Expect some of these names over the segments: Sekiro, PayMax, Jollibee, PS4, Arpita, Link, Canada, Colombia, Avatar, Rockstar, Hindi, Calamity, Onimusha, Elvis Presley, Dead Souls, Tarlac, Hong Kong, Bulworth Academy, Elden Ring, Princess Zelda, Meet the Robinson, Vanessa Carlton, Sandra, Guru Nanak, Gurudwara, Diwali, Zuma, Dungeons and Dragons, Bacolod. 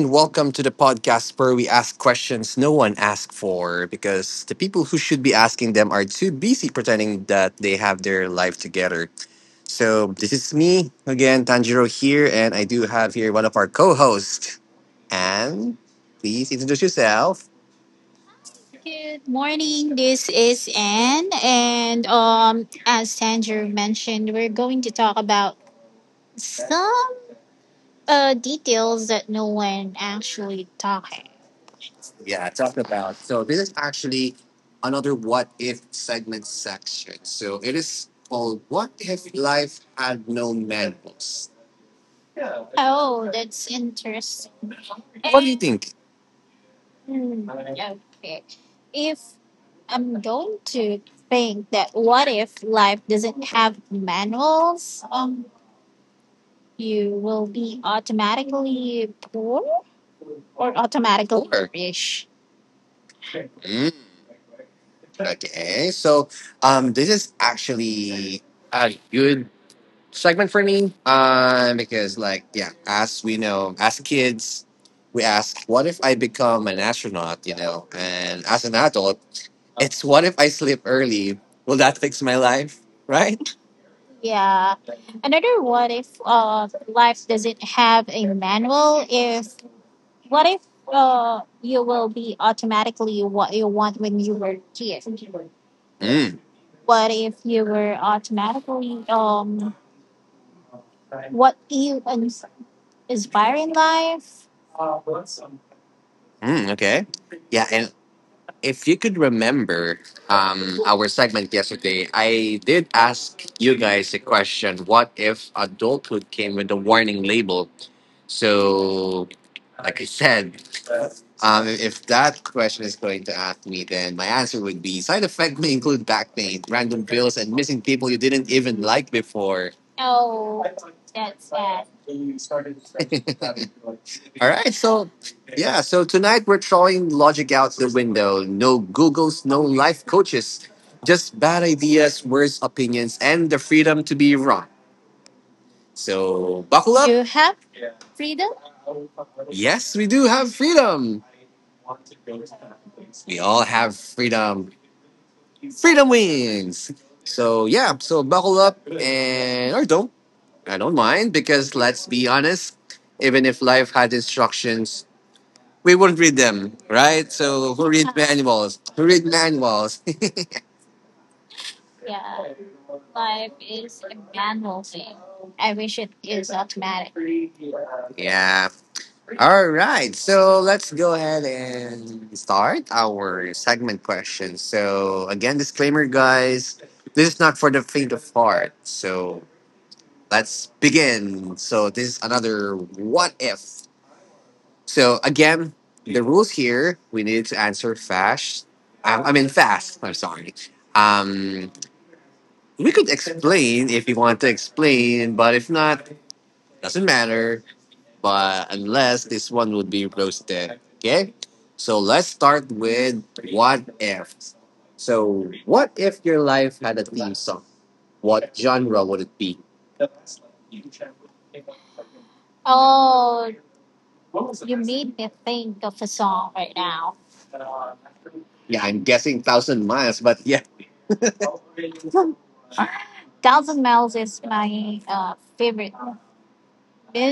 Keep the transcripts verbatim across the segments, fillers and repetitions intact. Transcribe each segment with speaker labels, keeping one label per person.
Speaker 1: and welcome to the podcast where we ask questions no one asked for because the people who should be asking them are too busy pretending that they have their life together. So, this is me again, Tanjiro here, and I do have here one of our co hosts. And please introduce yourself. Good morning. This is Anne, and um, as Sandra mentioned, we're going to talk about some. Uh, details that no one actually talking. Yeah, talk about. So this is actually another what if segment section. So it is called What If Life Had No Manuals? That's interesting. What do you think? Hmm, okay. If I'm going to think that what if life doesn't have manuals, um, you will be automatically poor, automatically sure, rich. Okay, so um, this is actually a good segment for me uh, because, like, yeah, as we know, as kids, we ask, what if I become an astronaut, you know? And as an adult, it's what if I sleep early? Will that fix my life, right? Yeah. Another what if uh, life doesn't have a manual is what if uh, you will be automatically what you want when you were a kid? What if you were automatically um what you ins- inspire in life? Mm, okay. Yeah, and if you could remember um, our segment yesterday, I did ask you guys a question. What if adulthood came with a warning label? So, like I said, um, if that question is going to ask me, then my answer would be side effect may include back pain, random bills, and missing people you didn't even like before. All right, so yeah, so tonight we're throwing logic out the window. No Googles, no life coaches, just bad ideas, worse opinions, and the freedom to be wrong. So buckle up. You have freedom? Yes, we do have freedom. We all have freedom. Freedom wins. So yeah, so buckle up and or don't, I don't mind because let's be honest, even if life had instructions, we wouldn't read them, right? So who read manuals? Who read manuals? Yeah, life is manual thing. I wish it yeah. All right. So let's go ahead and start our segment question. So again, disclaimer, guys, this is not for the faint of heart. So let's begin. So this is another what if. So again, the rules here: we needed to answer fast. Um, I mean fast. I'm sorry. Um, we could explain if you want to explain, but if not, doesn't matter. But unless this one would be roasted, okay? So let's start with what if. So what if your life had a theme song? What genre would it be? Oh, can think of a song right now. Yeah, I'm guessing Thousand Miles, but yeah. uh, favorite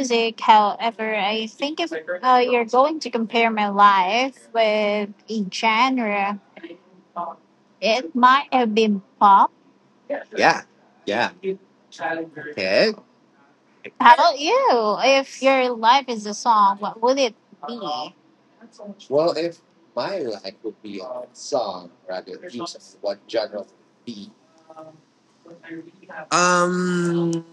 Speaker 1: because to compare with a genre, it might have been pop. About you? If your life is a song, what would it? If my life would be song rather what genre would it be? Um,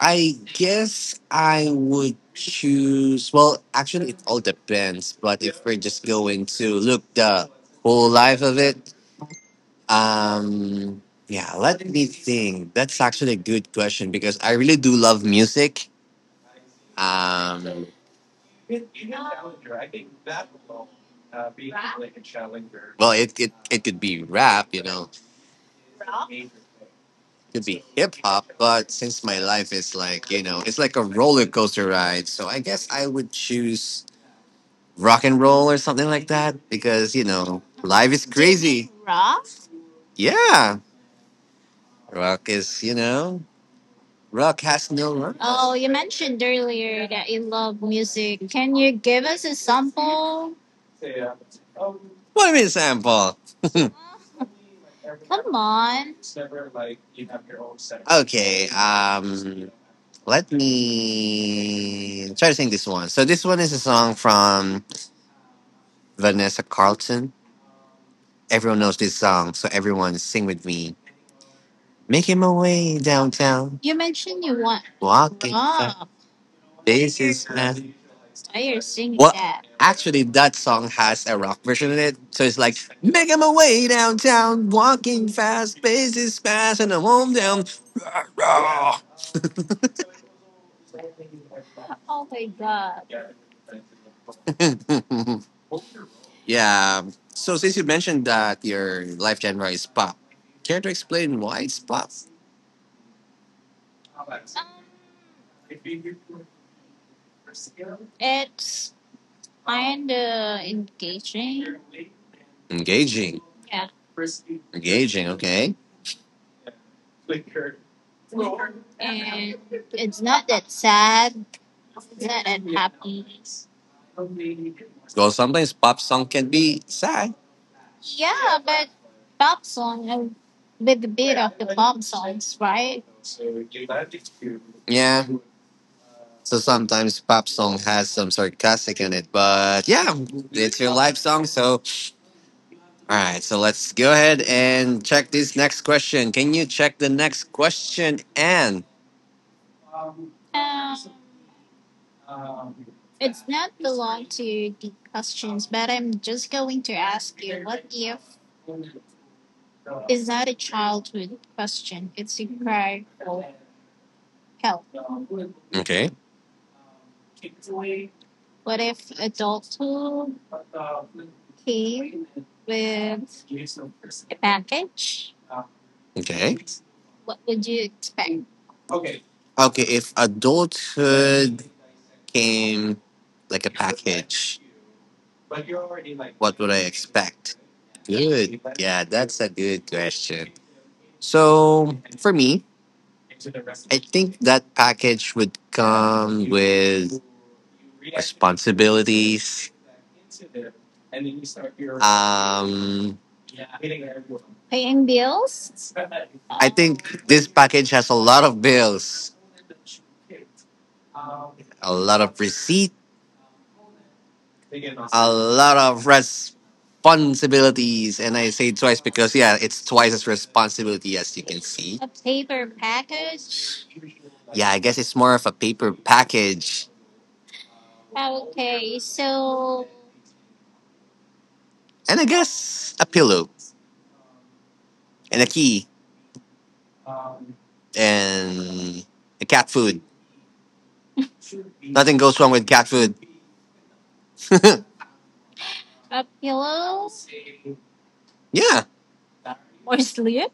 Speaker 1: I guess I would choose. Well, actually, it all depends. But if we're just going to look the whole life of it, um, yeah, let me think. That's actually a good question because I really do love music. Um, well, it, it it could be rap, you know, it could be hip hop. But since my life is like you know, it's like a roller coaster ride, so I guess I would choose rock and roll or something like that because you know life is. Do you mean crazy, rock? Yeah, rock is you know rock has no rules. Oh, you mentioned earlier that you love music. Can you give us a sample? What do you mean sample? Come on. Okay. Um. Let me try to sing this one. So this one is a song from Vanessa Carlton. Everyone knows this song, so everyone sing with me. Making my way downtown, you mentioned you want walking fast, rock. Faces fast. Why are you singing Well, that? Actually, that song has a rock version in it, so it's like making my way downtown, walking fast, faces fast, and I'm home down. Rah, rah. Oh my god. yeah. So since you mentioned that your life genre is pop, care to explain why it's pop? Um, it's kinda engaging. Engaging. Engaging, okay. It's not that sad. Well, sometimes pop song can be sad. Yeah, but pop song and with the big words, right? Yeah. So sometimes pop song has some sarcastic in it, but yeah, it's your live song. So, all right. So let's go ahead and check this next question. Can you check the next question, Anne? Not belong to the question, but I'm just going to ask if it's not a childhood question. It's a cry. Hell, okay. What if adulthood came with package? Okay. What would you expect? Okay. If adulthood came like a package, what would I expect? Good. Yeah, that's a good question. So for me, I think that package would come with responsibilities. Um, Paying bills? I think this package has a lot of bills, a lot of receipt, a lot of responsibilities, and I say twice because yeah, it's twice as responsibility as you can see. A paper package? Yeah, I guess it's more of a paper package. Okay, so. And I guess a pillow and a key and a cat food. Nothing goes wrong with cat food. A pillow, yeah. Or sleep?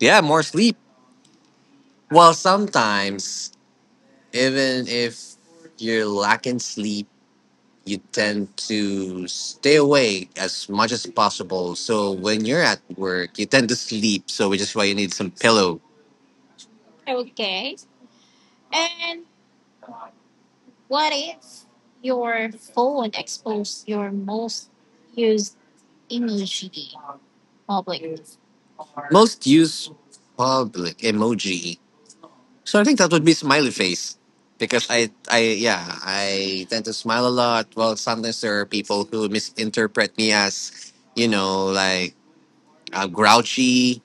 Speaker 1: Yeah, more sleep. Well, sometimes, even if you're lacking sleep, you tend to stay awake as much as possible. So when you're at work, you tend to sleep. So which is why you need some pillow. Okay. And. What if your phone exposed your most used emoji public? Most used public emoji. So I think that would be smiley face. Because I, I, yeah, I tend to smile a lot. Well, sometimes there are people who misinterpret me as, you know, like uh, grouchy.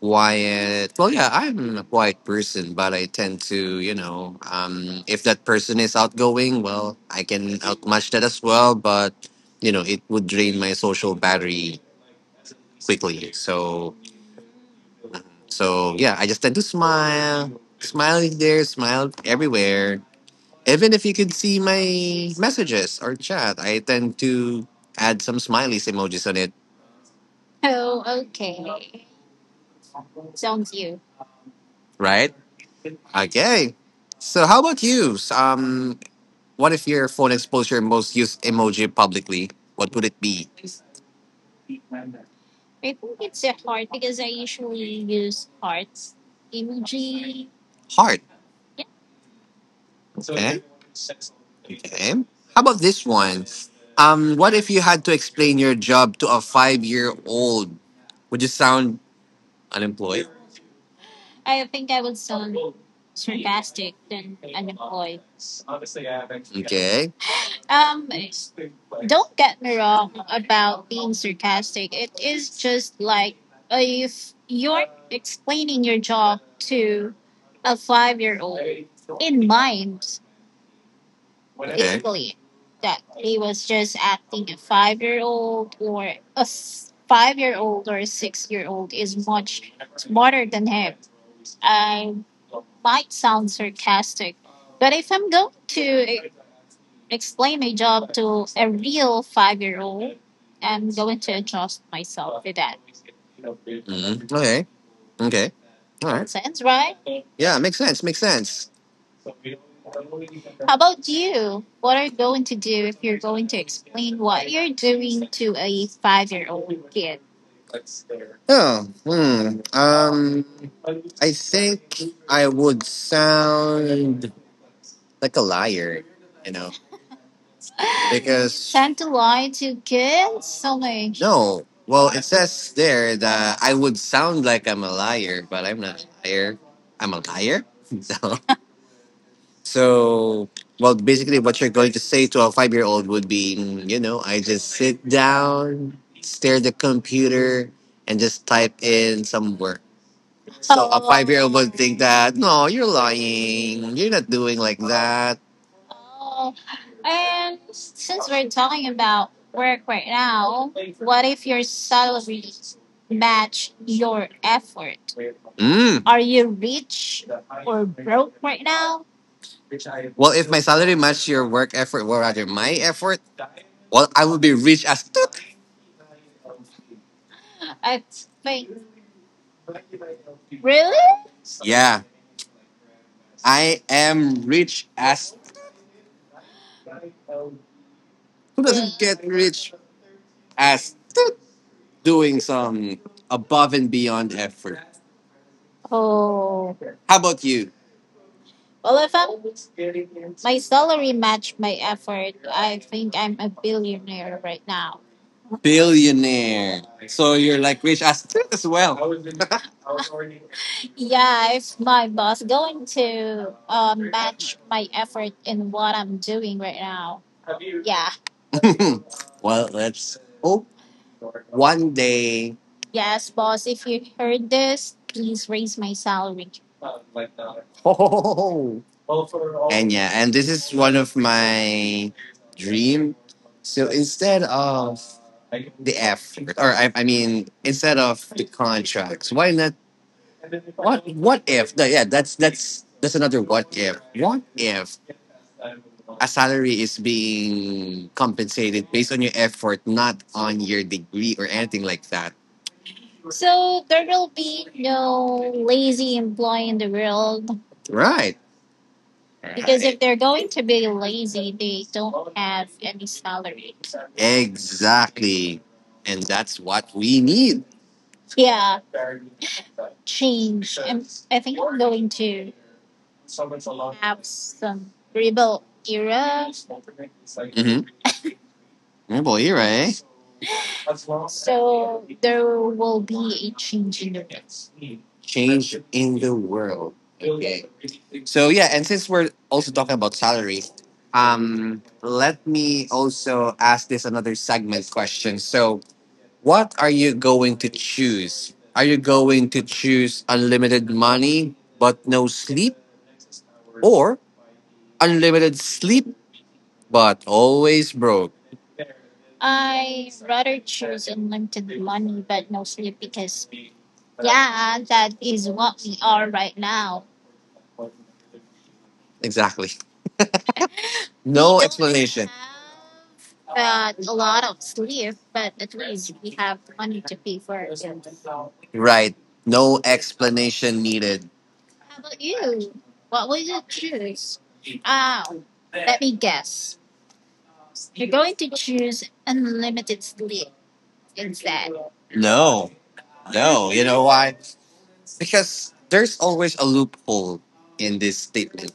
Speaker 1: Quiet. Well, yeah, I'm a quiet person, but I tend to, you know, um, if that person is outgoing, well, I can outmatch that as well. But you know, it would drain my social battery quickly. So, so yeah, I just tend to smile, smile there, smile everywhere. Even if you could see my messages or chat, I tend to add some smileys emojis on it. Oh, okay. Sounds you. Right? Okay. So how about you? Um, what if your phone exposed your most used emoji publicly? What would it be? I think it's a heart because I usually use hearts emoji. Heart. Yeah. Okay. Okay. How about this one? Um, what if you had to explain your job to a five-year-old? Would you sound unemployed? I think I would sound and okay. um. Don't get me wrong. I'm sarcastic. Is just like uh, if you're explaining your job to a five year old mind easily that he was just acting a five year old or a five year old or a six year old is more I might sound sarcastic, but if I'm going blame a real five year to adjust myself. Okay. Okay. All right. Makes sense, right? Yeah, makes sense. Makes sense. You what are you going to do a five year old? Oh, hmm. Um, I think I would sound like a liar, you know, because tend to lie to kids? So like, no. Well, it says there that I would sound like I'm a liar, but I'm not a liar. I'm a liar. So, so well, basically, what you're going to say to a five-year-old would be, mm, you know, I just sit down, stare at the computer, and just type in some words. So a five year old would think that, no, you're lying. You're not doing like that. And since we're talking about work right now, what if your salary match your effort? Mm. Are you rich? Well, if my salary matched your work effort, or rather my effort, well, I would be rich as toot. I think really. Yeah, I am rich as. Who doesn't get rich as toot doing some above and beyond effort. Oh. How about you? Well, if my salary matched my effort, I I'm a billionaire right now. Billionaire. You're like rich as as well. Yeah, if my boss going to my effort in what I'm doing right now. Yeah. well, let's hope one day. Yes, boss, if you heard this, please raise my salary. Oh. And yeah, and this is one of my dream. So instead of the effort, or I, I mean, instead of the contracts, why not? What what if? No, yeah, that's that's that's another what if. What if a salary is being compensated based on your effort, not on your degree or anything like that? So there will be no lazy employee in the world. Right. Because if they're going to be lazy, they don't have any salary. Exactly. And that's what we need. Uh, Change, I think, into some rebel era. hmm Rebel era, eh? Change. Change in the world. Okay. So, yeah, and since we're also talking about salary, um, let me also ask this another segment question. So, What are you going to Are you going to choose unlimited money but no sleep? Or unlimited sleep but always broke? Exactly. No explanation. But a lot of sleep, but at we have money to pay for. Right. No explanation needed. How about you? What will you choose? Oh, let me guess. You're going to choose unlimited sleep instead. No, no. You know why? Because there's always a loophole in this statement.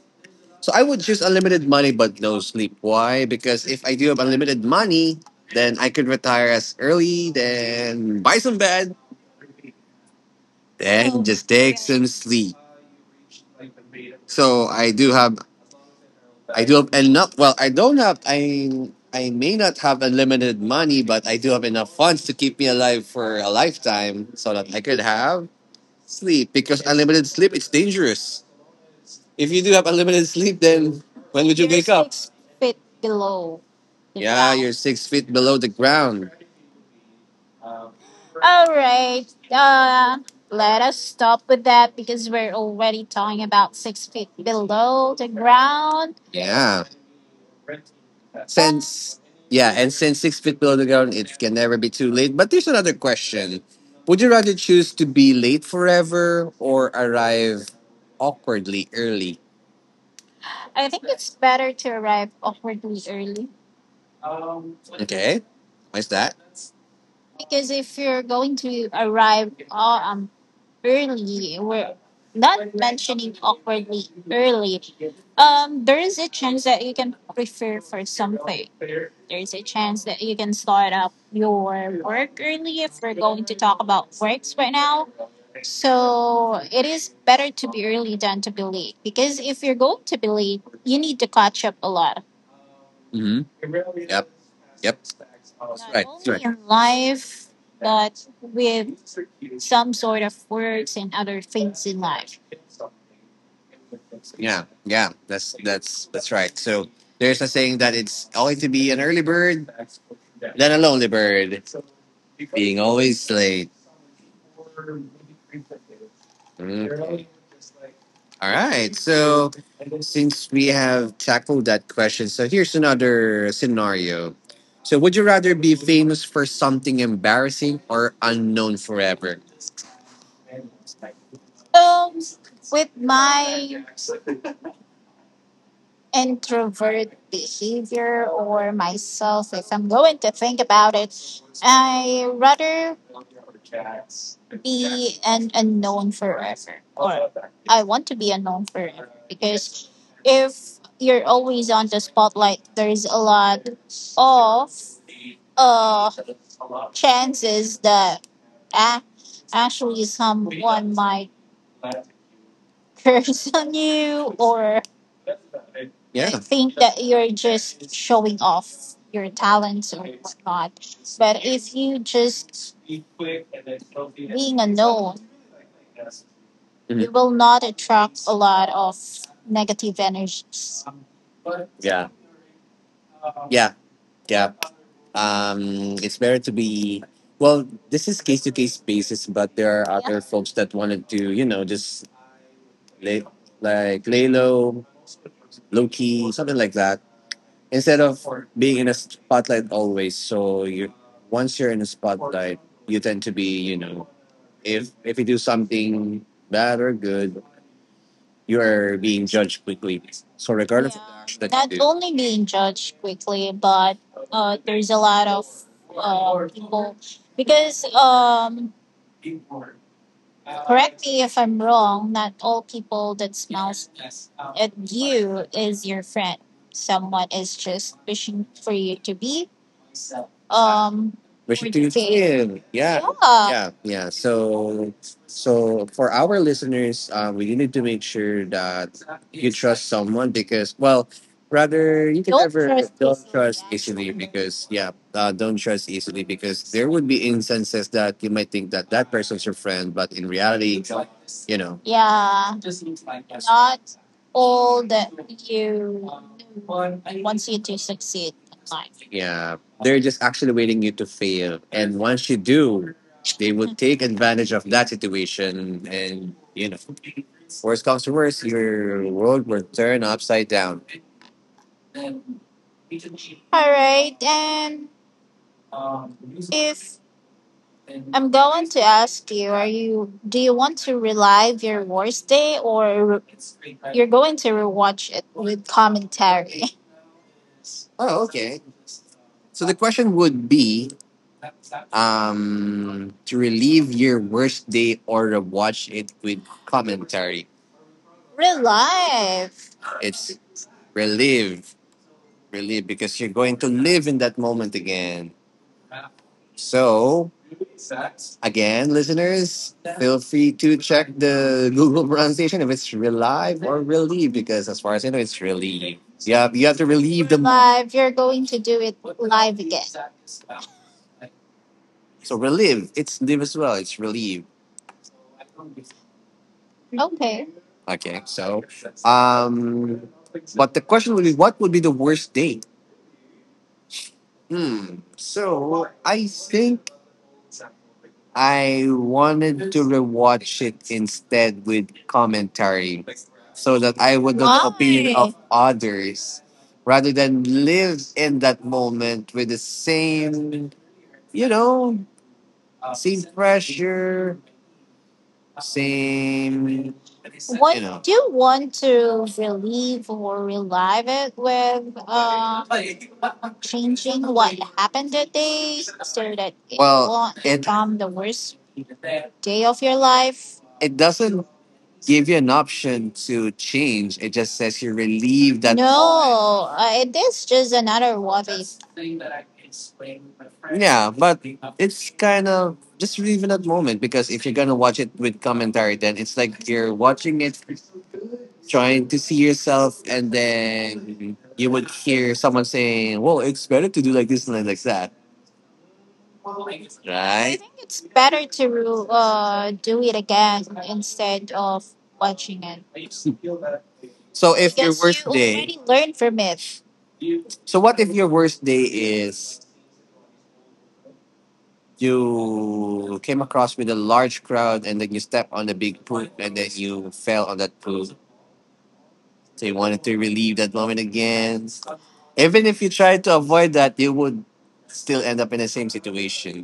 Speaker 1: So I would choose unlimited money but no sleep. Why? Because if I do have unlimited money, then I could retire as early, then buy some bed, then just take some sleep. So I do have, I do have enough. Well, I don't have. I I may not have unlimited money, but I do have enough funds to keep me alive for a lifetime, so that I could have sleep, because unlimited sleep, it's dangerous. If you do have unlimited sleep, then when would you You're wake up? Six feet below the. Yeah, ground. You're six feet below the ground. All right. Uh, let us stop with that because we're already talking about six feet below the ground. Yeah. Since yeah, and since six feet below the ground, it can never be too late. But there's another question: would you rather choose to be late forever or arrive awkwardly early? I think it's better to arrive awkwardly early. Okay. Why is that? Because if you're going to arrive uh, um early, well, not early, um, there is a chance that you can prepare for something. There is a chance that you can start up your work early, if we're going to talk about works right now. Really done to be late, because if you're going to be late, you need to catch up a lot. Mm-hmm. Right. In life, with some sort of work and other. Yeah, yeah, that's that's that's right. So there's a saying that it's always to be an early bird than a lonely bird, being always late. Okay. All right. So since we have tackled that question, so here's another scenario. So would you rather be famous for something embarrassing or unknown forever? Introvert behavior or myself. I'm going to known forever. Want to be unknown forever. You're like there's a ah, actually some curse on you or yeah, thing going off your talents or not. You just. Mhm. You will not attract a lot of negative energies. Yeah. Yeah. Yeah. Um it's better to be, well, this is case to case basis, but there are. Yeah. Other folks that wanted to, you know, just lay, like Lalo, Loki, something like that. Instead of being in a spotlight always, so you once you're in a spotlight, you tend to be, you know, if if you do something bad or good, you are being judged quickly. So regardless of the action that not you do, only being judged quickly, but there's a lot because um if I'm wrong, not all people that speak at you is your friend. Someone is just wishing for you to be vegetarian. Yeah. Yeah. Yeah. Yeah. So, so for our listeners, uh, we need to make sure that you trust someone because, well, rather you can. Don't never trust don't easily. Trust easily because, yeah, uh, don't trust easily, because there would be instances that you might think that that person's your friend, but in reality, you know. Yeah. Not all you succeed. Yeah, they're just actually waiting you to fail. And once you do, they will take advantage of that situation. And, you know, worst comes to worst, your world will turn upside down. All right, and going to you, do you want to relive Thursday or you're going to rewatch it with commentary? Oh, okay. So the question would be um, to relieve your worst day or watch it with commentary. Real life. It's relive, relive because you're going to live in that moment again. So again, listeners, feel free to check the Google pronunciation if it's relive or relieve, because as far as I know, it's relieve. Yeah, you have to relieve the life, you're going to do it so relive. It's live as well. It's relieve. Okay. Okay, so um, but the question would be, what would be the worst date? Hmm. So I think I wanted to rewatch it instead with commentary, so that I would know the opinion. Why? Of others, rather than live in that moment with the same, you know, same pressure, same, you know. Do you want to relieve or relive it with? Uh, happened it there that it. Well, won't it become the worst day of your life? It doesn't give you an option to change. It just says you relieve that. No, uh, it is just another. Yeah, but it's kind of just relieving that moment, because if you're gonna watch it with commentary, then it's like you're watching it trying to see yourself, and then you would hear someone saying well it's better to do like this and like that right. Think it's better to uh, do it again instead of watching it, so if your because you worst day already learned from it. So what if your worst day is you came across with a large crowd and then you step on a big poop and then you fell on that poop, so you wanted to relieve that moment again? Even if you try to avoid that, you would still end up in the same situation.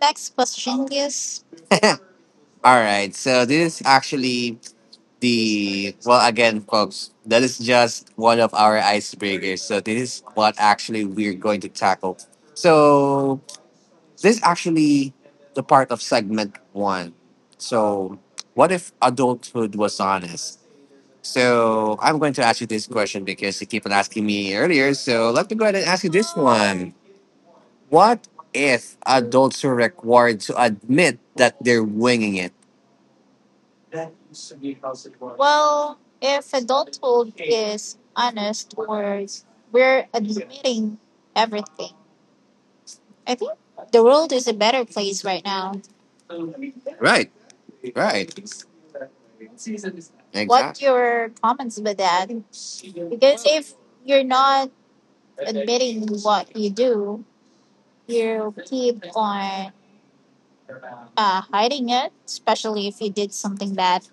Speaker 1: Next question, please. All right. So this is actually the well again, folks. That is just one of our icebreakers. So this is what actually we're going to tackle. So this is actually the part of segment one. So what if adulthood was honest? So I'm going to ask you this question because you keep on asking me earlier. So let me go ahead and ask you this one. What if adults are required to admit that they're winging it? Well, if adulthood is honest, we're, we're admitting everything. I think the world is a better place right now. Right, right. Exactly. Your comments with that? You're not, you do. You. Uh, hiding it, especially if you did something bad.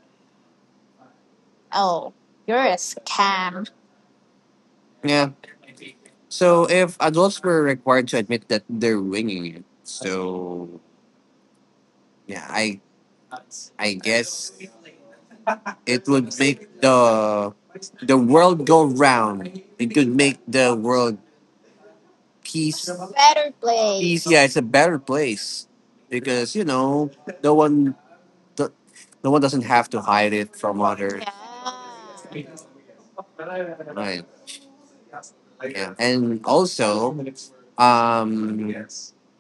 Speaker 1: Oh, you're a scam. Yeah. So if adults were required to admit that they're winging it, so yeah, I I guess it would make the the world go round. It could make the world peace. Better place. Peace. Yeah, it's a better place because you know no one no one doesn't have to hide it from others. Yeah. And also, um,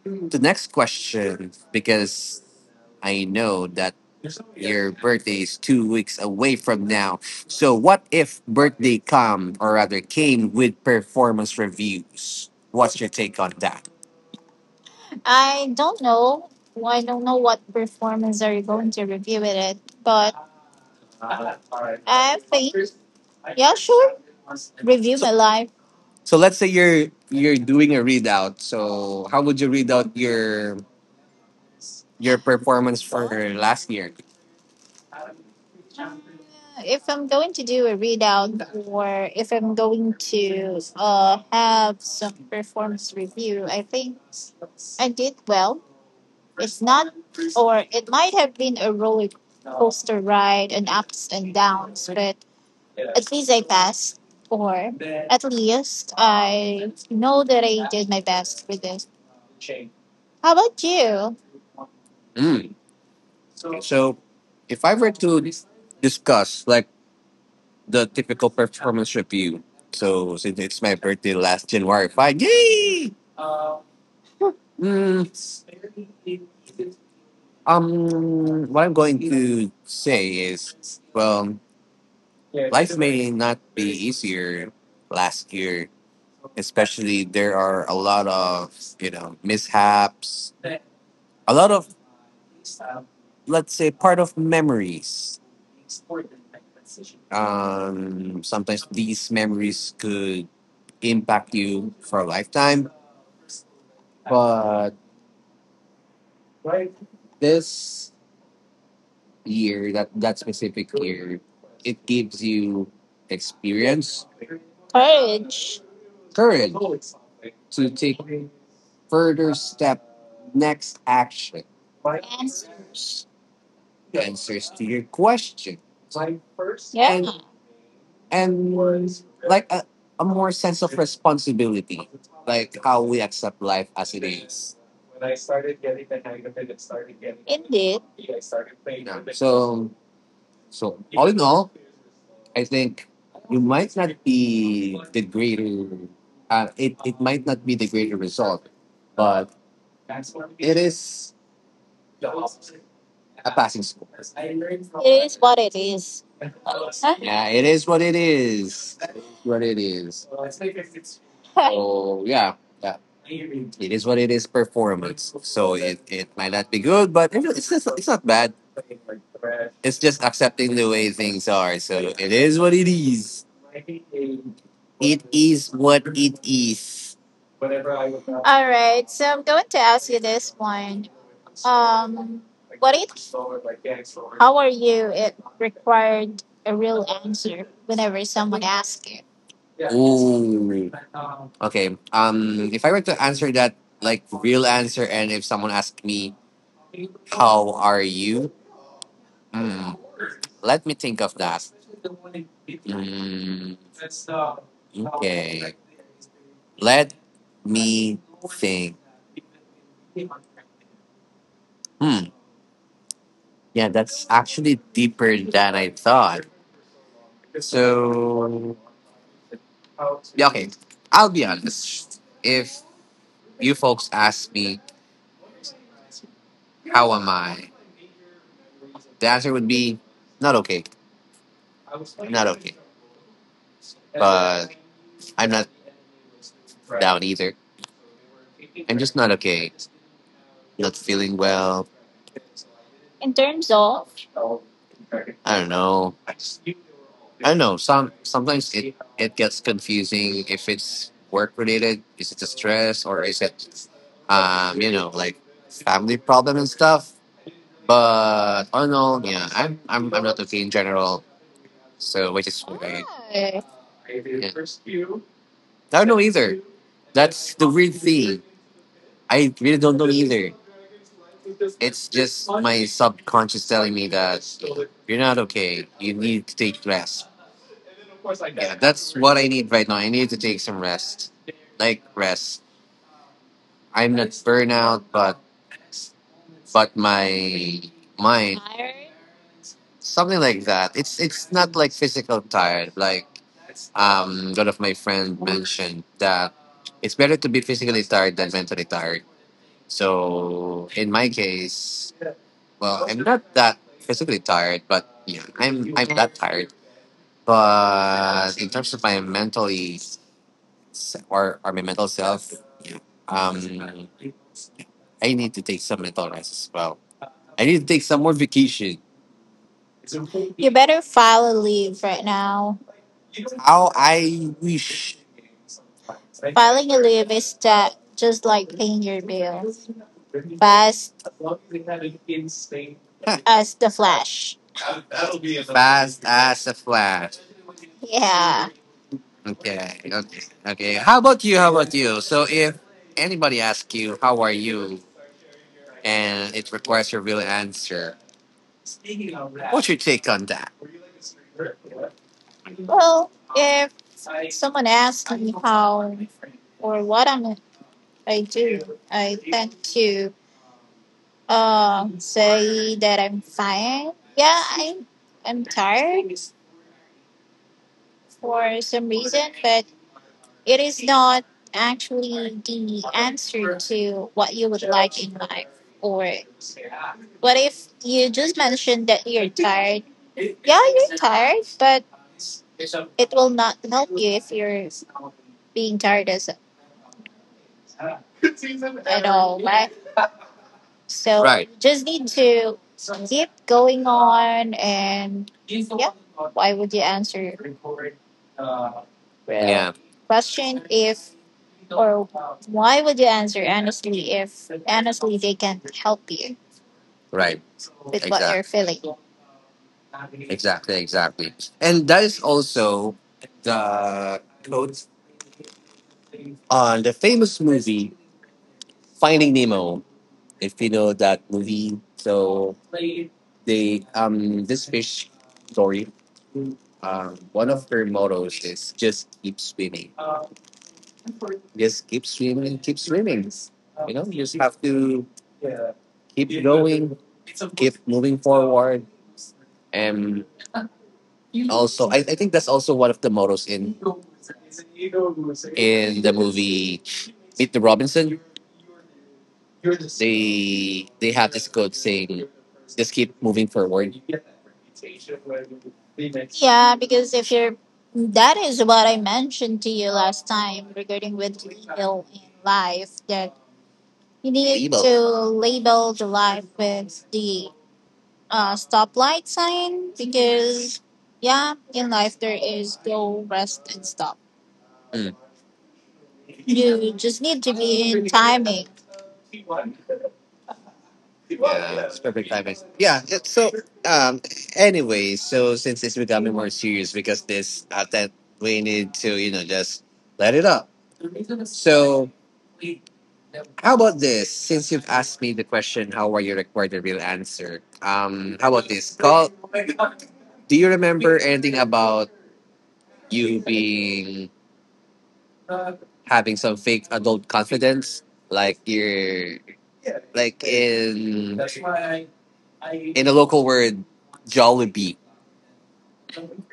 Speaker 1: the next question, because I know that your birthday is two weeks away from now. So, what if birthday come or rather came with performance reviews? What's your take on that? I don't know. I don't know what performance are you going to review with it, but in. So, my life, so let's say you're you're doing a readout. So, how would you read out your? your performance for last year? If I'm going to do a readout or if I'm going to have performance review, I think I did well. Or it might have been a roller coaster ride, an ups and, but at least I passed. Or at least I know did my best for this. How about you? Mm. So, if I were discuss, like the typical performance review. So since it's my birthday last January, fine, yay! Mm, um, what I'm going to say is, well, life may not be easier last year, especially there are a lot of you know mishaps, a lot of let's say part of memories. Um, sometimes these memories could impact you for a lifetime. But this year, that that specific year, it gives you experience. Courage. Courage to take further step, next action. Answers. Answers to your question. Yeah. And and like a, a more sense of responsibility, like how we accept life as it is. It. Yeah. So so all in all, I think you might not be the greater. Uh, it it might not be the greater result, but it is a passing score. What it is. Yeah, it is what it is. It is what it is. So yeah, yeah, it is what it is. Performance. So it, it might not be good, but it- it's just, it's not bad. It's just accepting the way things are. So it is what it is. It is what it is. All right, so I'm going to ask what is our required a real answer whenever someone asks it? Ooh. Okay. Um, if I were to answer that, like, real answer, and if someone asked me, "How are you?" Hmm, let me think of that. Mm, okay. Let me think. Hmm. Yeah, that's actually deeper than I thought. So, yeah, okay. I'll be honest. If you folks ask me, how am I? The answer would be, not okay. I'm not okay. But I'm not down either. I'm just not okay. Not feeling well. In terms of? I don't know. I don't know. Some sometimes it it gets confusing if it's work related. Is it the stress or is it um you know like family problem and stuff? But all in all, yeah, I'm I'm I'm not okay in general. So which is why. Alright. Yeah. I don't know either. That's the weird thing. I really don't know either. It's just my subconscious telling me that you're not okay. You need to take rest. Yeah, that's what I need right now. I need to take some rest. Like rest. I'm not burnout, but but my mind something like that. It's it's not like physical tired. Like um, one of my friends mentioned that it's better to be physically tired than mentally tired. So in my case, well, I'm not that physically tired, but yeah, I'm I'm that tired. But in terms of my mentally se- or or my mental self, um, I need to take some mental rest as well. I need to take some more vacation. Better file a leave right now. How I wish. Filing a leave is that just like paying your fast as the flash. Fast as a flash. Yeah. Okay, okay, okay. How about you? How about you? So if anybody asks you how are you and it requires your real answer, your take on that? Well, if someone asks or what am I do, I to uh, say that I'm fine. Yeah, I am tired for some actually the to what you. What if you just mentioned that you're tired, but being tired as so right, you just need to keep going on. And why would you answer, yeah, question? Why would you answer and if they help you, right, what, exactly, you're, exactly, exactly, exactly. And that is also the quote on the famous movie Finding Nemo. If you know that movie, so they um this fish story. Um, one of their mottos is just keep swimming. Just keep swimming, keep swimming. You know, you just have to keep going, keep moving forward, and also I, I think that's also one of the mottos in in the movie Meet the Robinson. They they have this quote saying, "Just keep moving forward." Yeah, because if you're that is what I mentioned to you last time regarding with label in life that you need, label, to label the life with the uh, stoplight sign because yeah, in life there is go rest and stop. Mm. You just need to be in timing. Yeah, it's perfect timing. Yeah, it- so um anyway, so since it's becoming more serious because this uh, that we need to, you know, just let it up. So how about this? Since you've asked me the question, how are you required the real answer? Um how about this? Call, do you remember anything about you being having some fake adult confidence, like you're like in a local word, Jollibee.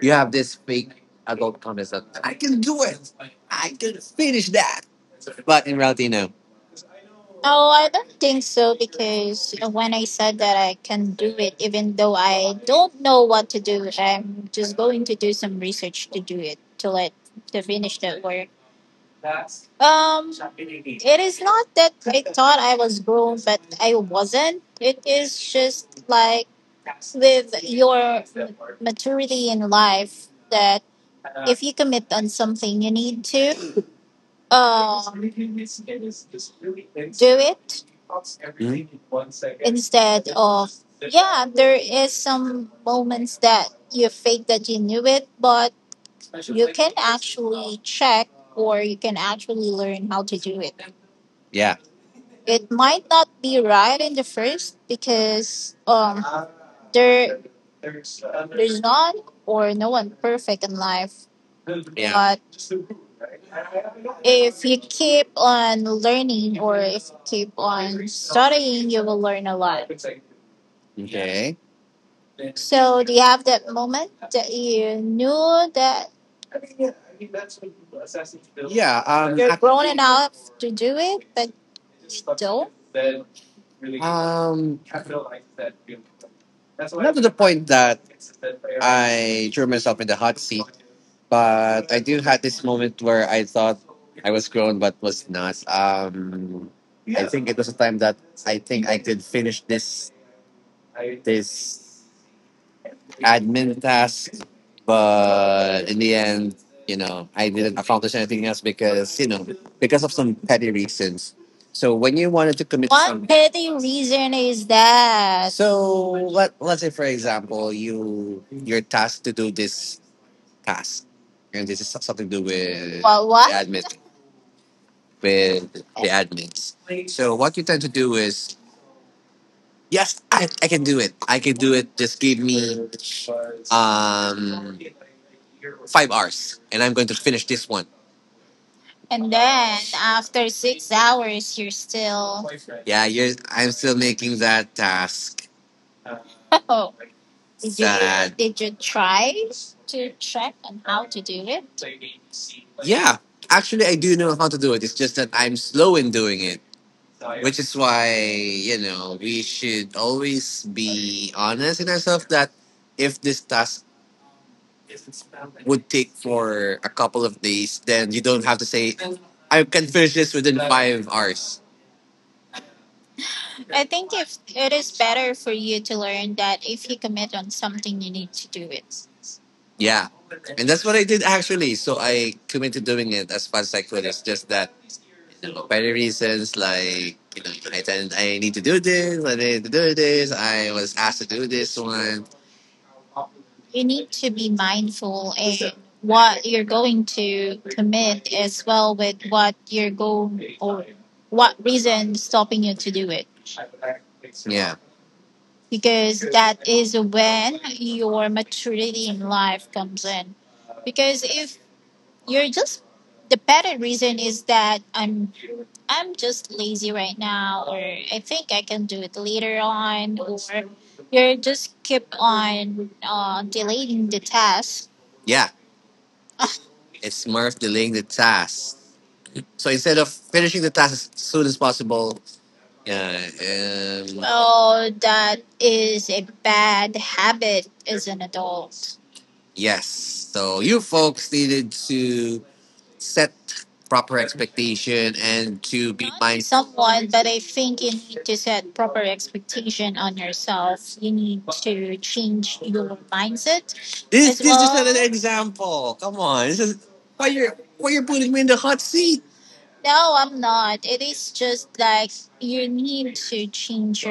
Speaker 1: Have this fake confidence that can do I can finish that. But in reality, no. Oh, I don't think so because when I said that I can do it, even though I don't know what to do, I'm just going to do some research to do it to let to finish the work. Um, it is not that I thought I was grown I wasn't. It is just like with your maturity in life that if you commit on something, you need to uh, do it instead you fake that you knew it, but can actually check or you can actually learn how to do it. Yeah. It might not be right in the first because um, there is none or no one perfect in life, yeah, but if you keep on learning or if you keep on studying, you will learn a lot. Okay. So, do you have that moment that you knew that, yeah, um, ac- enough to do it, but, um, not to the point that I threw myself in the hot seat, but I do had this moment where I thought I was grown, but was not. Um. I think it was a time that I think I could finish this this admin tasks. But in the end, you know, I didn't accomplish anything else because, you know, because of some petty reasons. So when you wanted to commit what some petty reason is that? So let let's say for example you you're tasked to do this task. And this is something to do with what? The what? Admin with the admins. So what you tend to do is yes, I, I can do it. I can do it. Just give me um, five hours, and I'm going to finish this one. And then after six hours, you're still. Yeah, you're, I'm still making that task. Oh, did you, sad, did you try check on to do it? Yeah, actually, I do know how to do it. It's just that I'm slow in doing it, which is why you know we should always be honest in ourselves that if this task would take for a couple of days, then you don't have to say, I can finish this within five hours. I think if it is better for you to learn that if you commit on something, you need to do it. Yeah. And that's what I did actually. So I committed doing it as fast as I could. It's just that by the reasons like you know, I tend, I need to do this, I need to do this, I was asked to do this one. Mindful and knowing what your goal stopping you to do it. Because when your maturity in life comes in because if you're just the better reason is that i'm i'm just lazy right now or I think I can do it later on or you just keep on uh, delaying the task. Yeah. It's more of delaying the task. So instead of finishing the task as soon as possible, yeah, um, well, that is a bad habit as an adult. Yes. So you folks needed to set proper expectation and to be, not mindful, someone, but I think you need to set proper expectation on yourself. You need to change your mindset this as this is not well, an well, example. Come on, this is why you're why you're putting me in the hot seat. No, I'm not. It is just that you to change.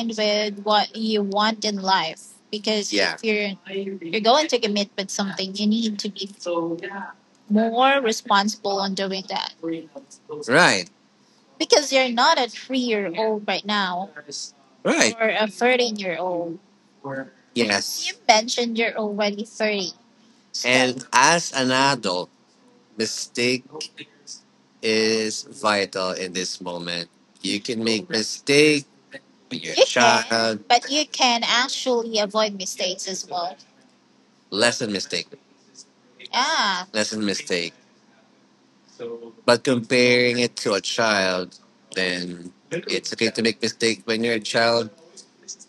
Speaker 1: With what you want in life because yeah, if you're going to commit with something, you need to be more more responsible on doing that because you're not a three year old right now, right, or a thirteen year, yes, you, yes, mentioned you're already thirty. So, and as an adult, mistake is vital in this moment. You can mistake when you're a, you can, child, but you can actually avoid mistakes as lesson mistake. Yeah. That's a mistake. But comparing it to a child, then it's okay to make mistakes when you're a child.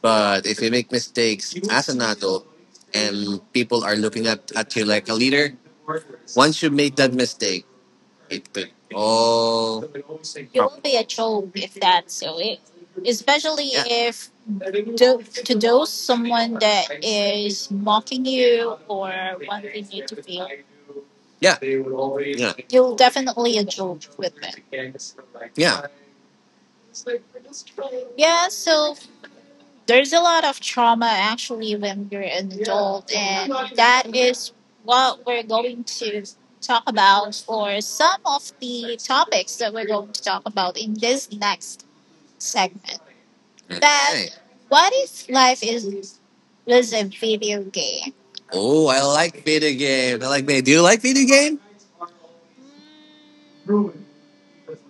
Speaker 1: But if you make mistakes as an adult and people are looking at, at you like a leader, once you make that mistake, it could all. It will be a joke, eh, especially, yeah, if mocking it or. Yeah. Yeah. You'll definitely a joke with it. Yeah. Yeah, so there's a lot of trauma actually when you're in that is what we're going to talk about or some of the topics that we're going to talk about in this next segment that, okay, what if life is was a video game. Oh, I like video games. I like video. Do you like video game?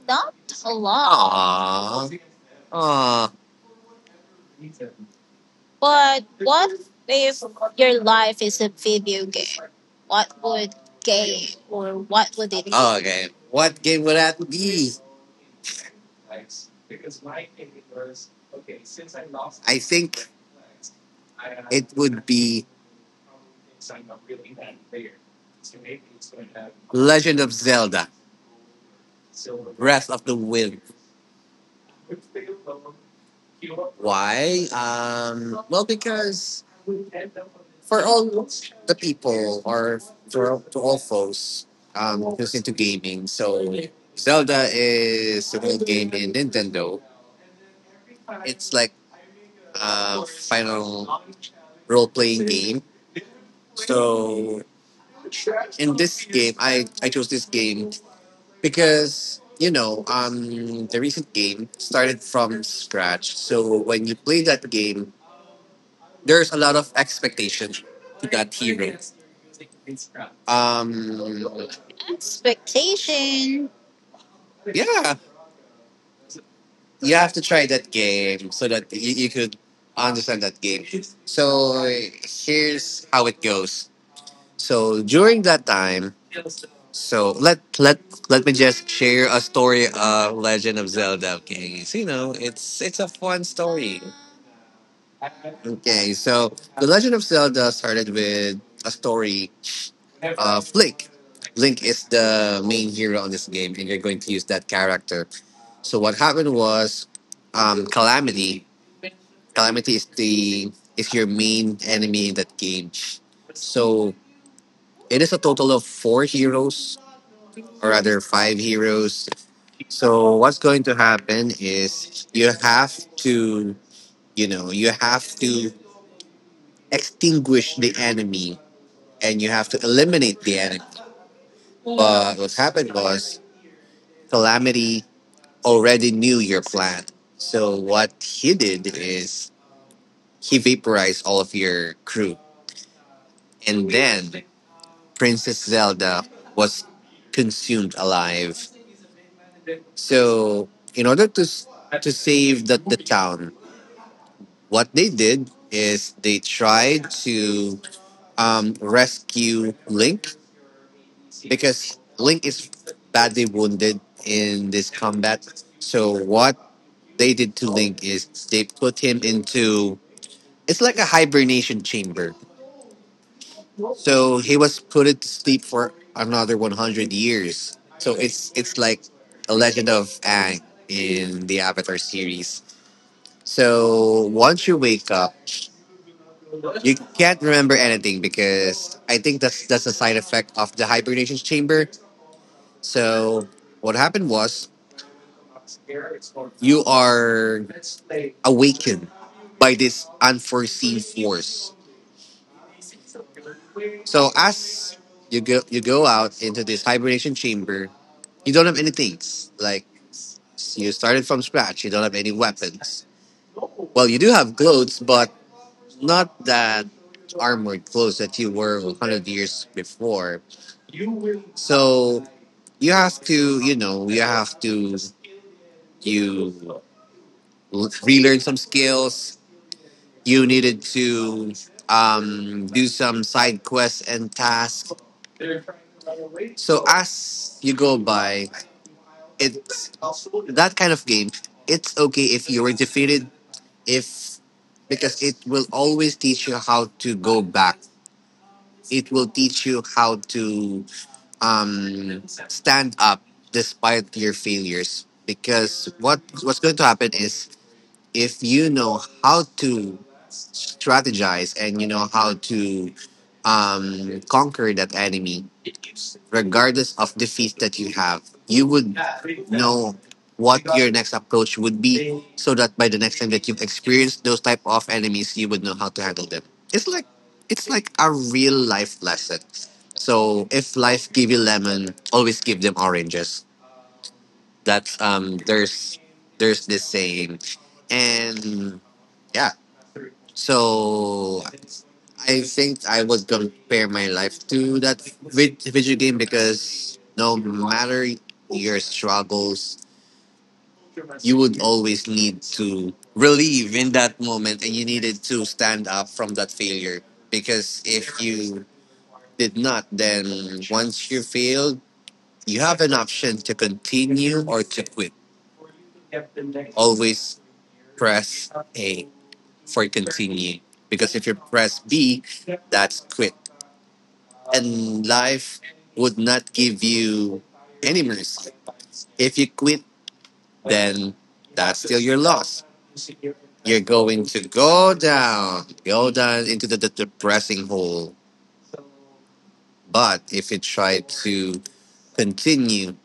Speaker 1: Not a lot. Aww. But what if your life is a video game? What would game or what would it be? Oh, okay, what game would that be? I think it would be Legend of Zelda: Breath of the Wild. Why? Um, well, because for all the people or for to all folks um, who's into gaming, so Zelda is a new game in Nintendo. It's like uh, final role playing game. So in this game, I, I chose this game because you know um the recent game started from scratch. So when you play that game, there's a lot of expectation to that hero. Um, expectation, yeah, you have to try that game so that you, you could understand that game. So here's how it goes. So during that time, so let let let me just share a story of Legend of Zelda. Okay, so you know it's it's a fun story. Okay, so the Legend of Zelda started with a story of Link. Link is the main hero on this game, and you're going to use that character. So what happened was, um, Calamity. Calamity is the is your main enemy in that game. So it is a total of four heroes, or rather five heroes. So what's going to happen is you have to, you know, you have to extinguish the enemy and you have to eliminate the enemy. But what happened was Calamity already knew your plan. So what he did is he vaporized all of your crew. And then Princess Zelda was consumed alive. So in order to s- to save the, the town, what they did is they tried to um, rescue Link because Link is badly wounded in this combat. So what they did to Link is they put him into it's like a hibernation chamber. So he was put to sleep for another one hundred years. So it's it's like a Legend of Aang in the Avatar series. So once you wake up, you can't remember anything because I think that's that's a side effect of the hibernation chamber. So what happened was you are awakened by this unforeseen force. So as you go you go out into this hibernation chamber, you don't have any things. Like you started from scratch. You don't have any weapons. Well, you do have clothes, but not that armored clothes that you were hundred years before. So you have to, you know, you have to you l- relearn some skills. You needed to um, do some side quests and tasks. So as you go by, it that kind of game. It's okay if you were defeated, if because it will always teach you how to go back. It will teach you how to um, stand up despite your failures because what what's going to happen is if you know how to strategize and you know how to um, conquer that enemy regardless of the feast that you have, you would know what your next approach would be so that by the next time that you've experienced those type of enemies, you would know how to handle them. It's like it's like a real life lesson. So if life give you lemon, always give them oranges. That's um there's there's this saying. And yeah. So I think I would compare my life to that vid- video game because no matter your struggles, you would always need to relieve in that moment and you needed to stand up from that failure. Because if you did not, then once you failed, you have an option to continue or to quit. Always press A for continue because if you press B, that's quit. And life would not give you any mercy. If you quit, then that's still your loss. You're going to go down, go down into the, the depressing hole. But if you try to continue,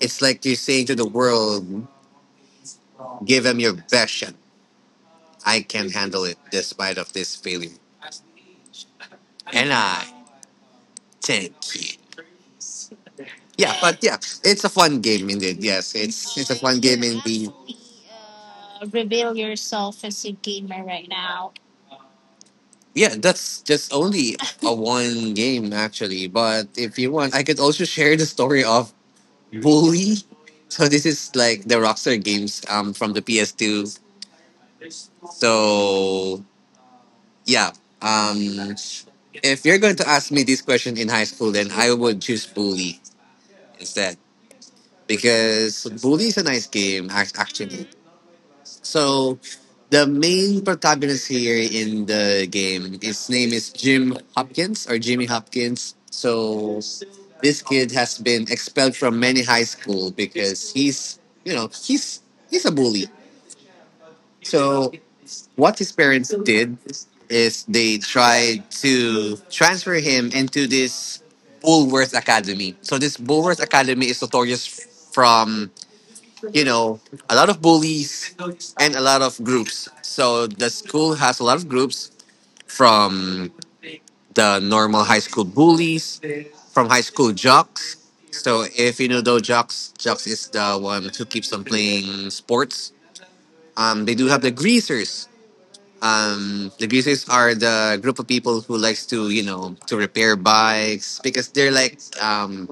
Speaker 1: it's like you're saying to the world, give them your best shot. I can handle it despite of this failure. And I thank you. Yeah, but yeah, it's a fun game indeed. Yes, it's it's a fun game indeed. Uh, reveal yourself as a gamer right now. Yeah, that's just only a one game actually. But if you want, I could also share the story of Bully. So this is like the Rockstar games um from the P S two. So yeah, um, if you're going to ask me this question in high school, then I would choose Bully instead. Because Bully is a nice game, ac- actually. So, the main protagonist here in the game, his name is Jim Hopkins or Jimmy Hopkins. So, this kid has been expelled from many high school because he's, you know, he's he's a bully. So, what his parents did is they tried to transfer him into this Bulworth Academy. So this Bulworth Academy is notorious from you know, a lot of bullies and a lot of groups. So the school has a lot of groups from the normal high school bullies, from high school jocks. So if you know those jocks, jocks is the one who keeps on playing sports. Um, they do have the greasers. Um, the greasers are the group of people who likes to you know to repair bikes because they're like um,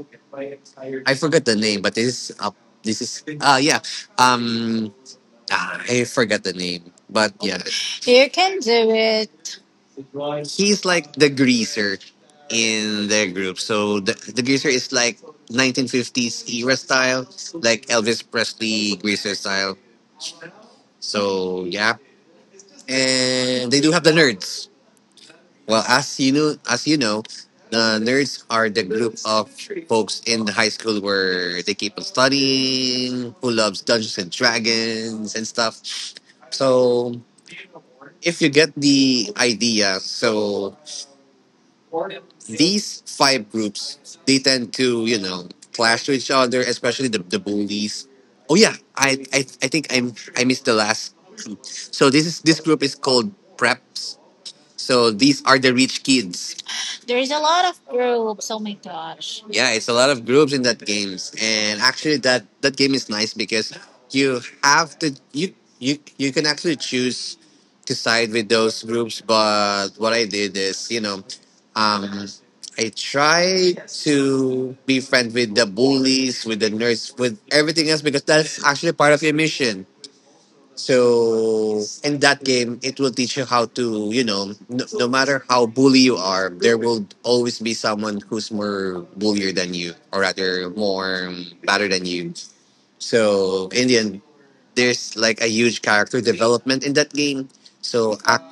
Speaker 1: I forgot the name, but this is uh, this is uh yeah. Um, Ah, I forgot the name, but yeah, you can do it. He's like the greaser in their group. So the, the greaser is like nineteen fifties era style, like Elvis Presley greaser style. So yeah, and they do have the nerds. Well, as you know, as you know, the nerds are the group of folks in the high school where they keep on studying, who loves Dungeons and Dragons and stuff. So if you get the idea, so these five groups they tend to you know clash to each other, especially the, the bullies. Oh yeah, I, I I think I'm I missed the last group. So this is this group is called preps. So these are the rich kids. There's a lot of groups. Oh my gosh. Yeah, it's a lot of groups in that games, and actually that that game is nice because you have to you you you can actually choose to side with those groups. But what I did is, you know, um, I tried to be friends with the bullies, with the nerds, with everything else because that's actually part of your mission. So in that game, it will teach you how to, you know, no, no matter how bully you are, there will always be someone who's more bullier than you, or rather more um, better than you. So in the end, there's like a huge character development in that game. So ac-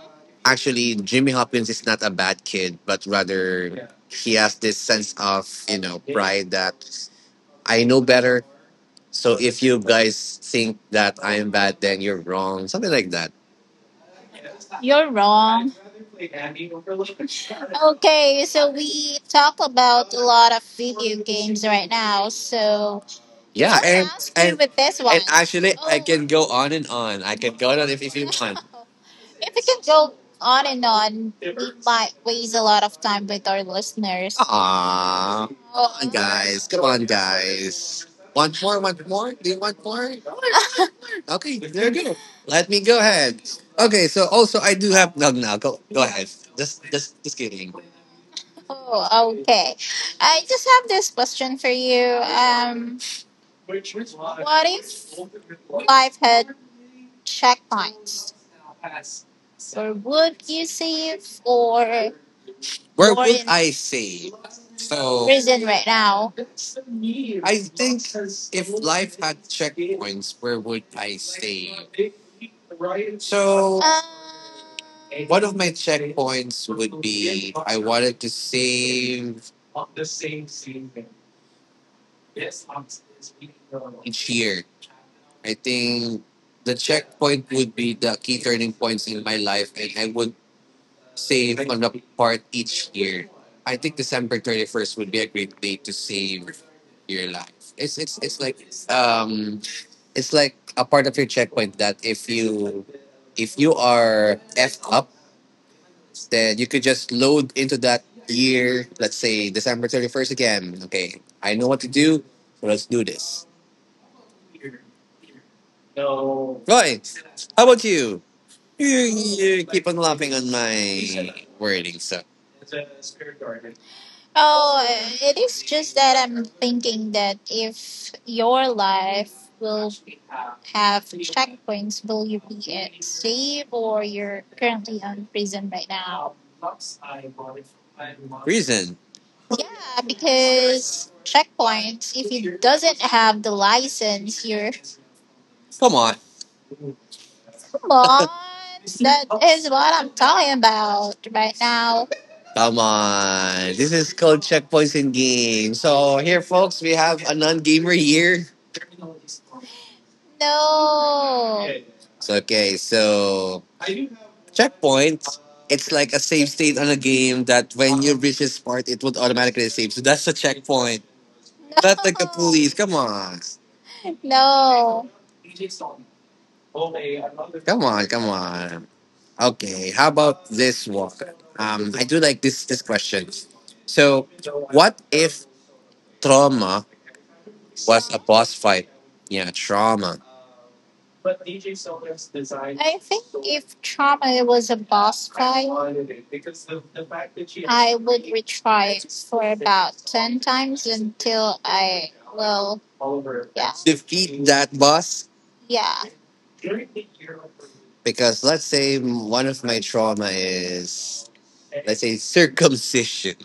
Speaker 1: actually, Jimmy Hopkins is not a bad kid, but rather he has this sense of, you know, pride that I know better. So if you guys think that I am bad, then you're wrong. Something like that. You're wrong. Okay, so we talk about a lot of video games right now. So yeah, I'll and ask you and with this one. And actually, I Oh, can go on and on. I can go on if, if you want. If we can go on and on but waste a lot of time with our listeners. Aww. Come on, Oh. guys. Come on, guys. Want more? Want more? Do you want more? Okay, there you go. Let me go ahead. Okay, so also I do have no no go go ahead. Just just just kidding. Oh, okay. I just have this question for you. Um, what if life had checkpoints? Or would you save or where you would in I say? So prison right now. I think if life had checkpoints, where would I stay? So Uh, one of my checkpoints would be I wanted to save each year. I think the checkpoint would be the key turning points in my life, and I would save on a part each year. I think December thirty-first would be a great day to save your life. It's it's it's like um it's like a part of your checkpoint that if you if you are effed up, then you could just load into that year, let's say December thirty-first again. Okay, I know what to do, so let's do this. Roy, how about you? You, you keep on laughing on my wording, so. Oh, it is thinking that if your life will have points, will you pay or you're currently on prison right yeah, because checkpoints, if doesn't have the license, you're come on. Come on. That's what I'm talking about right now. Come on. Is called checkpoints in game. So here folks, we have a non-gamer here. No. So, okay, so checkpoint. It's like a save state on a game that when you reach this part, it would automatically save. So that's the checkpoint. Not like the police. Come on. No. Come on, come on. Okay, how about this one? Um, I do like this this question. So, what if trauma was a boss fight? Yeah, trauma. I think if trauma was a boss, I would retry for ten times until I Well, yeah. defeat that boss. Yeah. Because let's say one of my trauma is let's say circumcision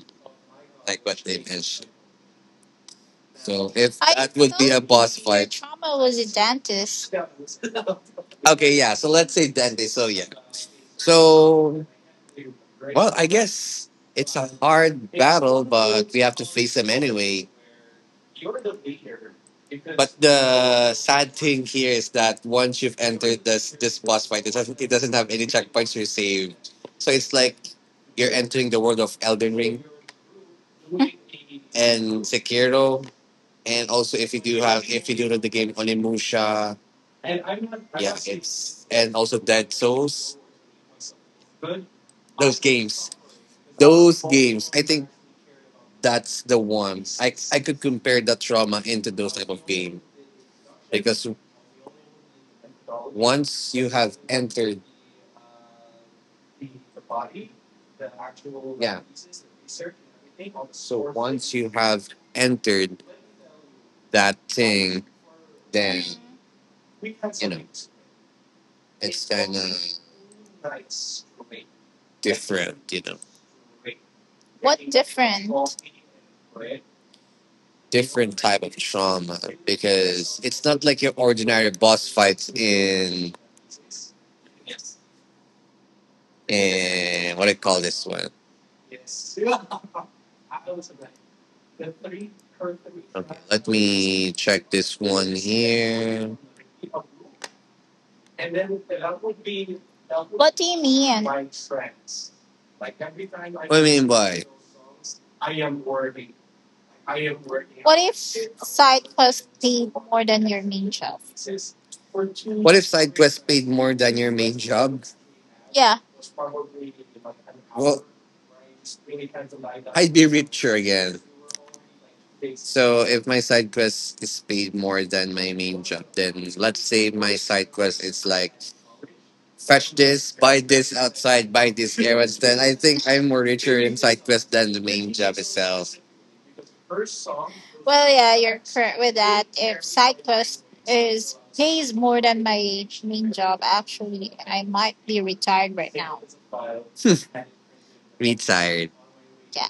Speaker 1: like what they mentioned so if I that would be a you boss your fight trauma was a dentist. Okay yeah so let's say dentist so yeah so well I guess it's a hard battle but we have to face them anyway. But the sad thing here is that once you've entered this this boss fight, it doesn't it doesn't have any checkpoints you're saved. So it's like you're entering the world of Elden Ring and Sekiro, and also if you do have if you do know the game Onimusha, yeah, it's and also Dead Souls. Those games, those games. I think that's the ones I I could compare the trauma into those type of game because once you have entered, yeah. So once you have entered that thing, then you know it's kind of different. You know, Different. different type of trauma because it's not like your ordinary boss fights in in what do you call this one? Okay, let me check this one here. What do you mean? What do you mean by if for the determination? What if side quests paid more than your main job? Yeah. Well, I'd be richer again. So if my side quest is paid more than my main job, then let's say my side quest is like fetch this, buy this outside, buy this errands, then I think I'm more richer in side quest than the main job itself. Well, yeah, correct. With pays more than my main job, actually, I might be retired right now. Retired. Yeah.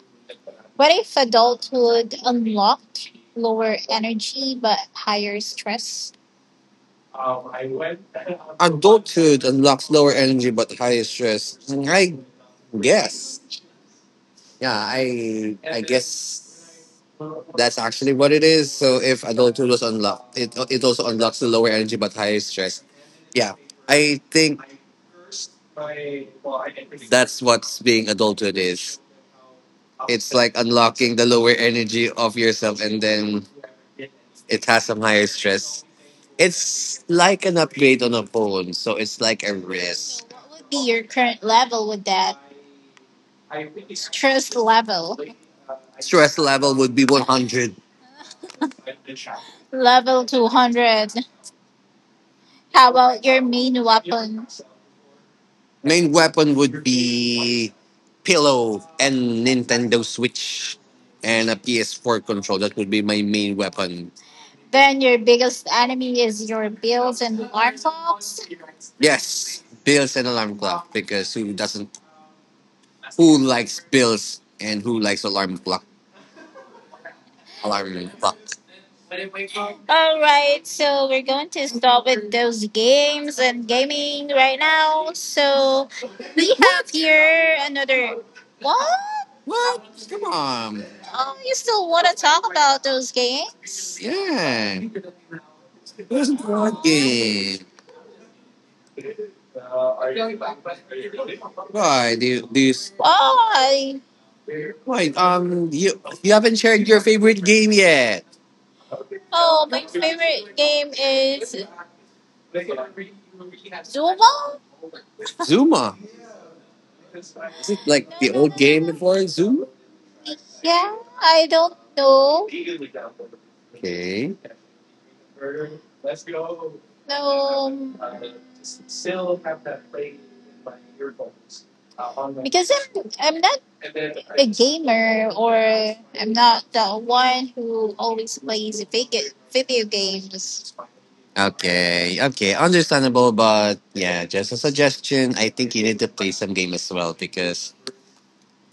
Speaker 1: What if adulthood unlocked lower energy but higher stress? Adulthood unlocks lower energy but higher stress. I guess. Yeah, I I guess that's actually what it is. So if adulthood was unlocked, it it also unlocks the lower energy but higher stress. Yeah. I think that's what's being adulthood is. It's like unlocking the lower energy of yourself and then it has some higher stress. It's like an upgrade on a phone, so it's like a risk. What be your current level with that? Stress level. Stress level would be one hundred. Level two hundred. How about your main weapon? Main weapon would be pillow and Nintendo Switch and a P S four control. That would be my main weapon. Then your biggest enemy is your bills and alarm clocks? Yes, bills and alarm clock because who doesn't Who likes bills and who likes alarm clock? Alarm clock. All right, so we're going to start with those games and gaming right now. So we have here another. What? What? Come on. Oh, you still want to talk about those games? Yeah. What Oh, game? Why do you, do you oh, I, why um you you haven't shared your favorite game yet? Oh, my favorite game is Zuma? Zuma. It like, no, the, no, old, no, game, no, before Zuma? Yeah, I don't know. Okay. No, because I'm I'm not a gamer or I'm not the one who always plays video video games. Okay, okay, understandable, but yeah, just a suggestion. I think you need to play some game as well because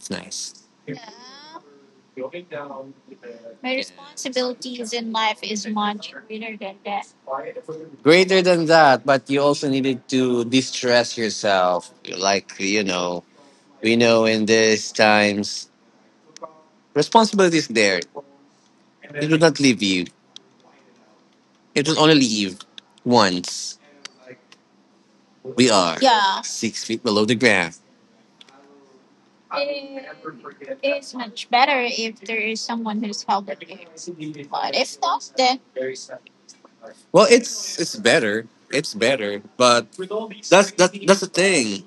Speaker 1: it's nice. Yeah, my, yeah, responsibility in life is greater than that. Greater than that, but you also needed to distress yourself. Like, you know, we know in these times, responsibility is there. It will not leave you. It will only leave once. We are, yeah, six feet below the ground. It's much better if there is someone who's helping. Then, well, it's it's better. It's better, but that's that that's the thing.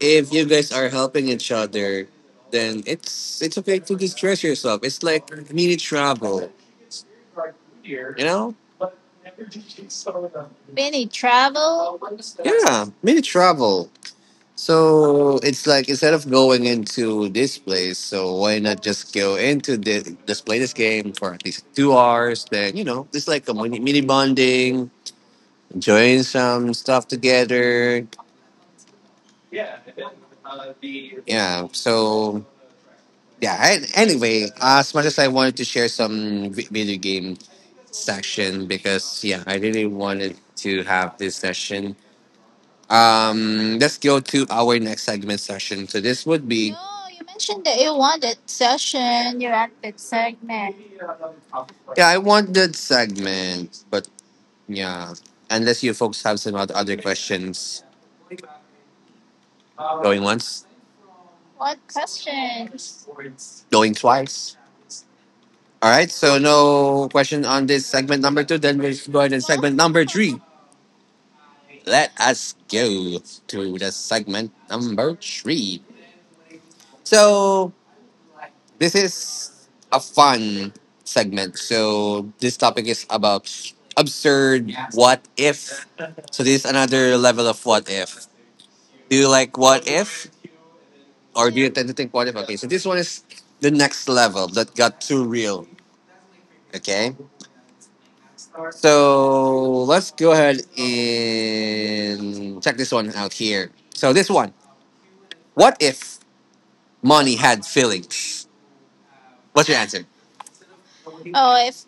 Speaker 1: If you guys are helping each other, then it's it's okay to distress yourself. It's like mini travel. You know? Many travel. Yeah, mini travel. So it's like instead of going into this place, so why not just go into the just play this game for at least two hours? Then, you know, it's like a mini, mini bonding, enjoying some stuff together. Yeah. So yeah. an- Anyway, as much as I wanted to share some vi- video game section because yeah, I really wanted to have this session. Um, let's go to our next segment session. So this would be. No, you mentioned that you wanted session. You want that segment. Yeah, I want that segment, but yeah, unless you folks have some oth- other questions, going once, what questions? Going twice. All right, so no question on this segment number two. Then we'll go ahead and segment number three. Let us go to the segment number three. So this is a fun segment. So this topic is about absurd what if. So this is another level of what if. Do you like what if, or do you tend to think what if? Okay, so this one is the next level that got too real. Okay, so let's go ahead and check this one out here. So this one, what if money had feelings? What's your answer? Oh, if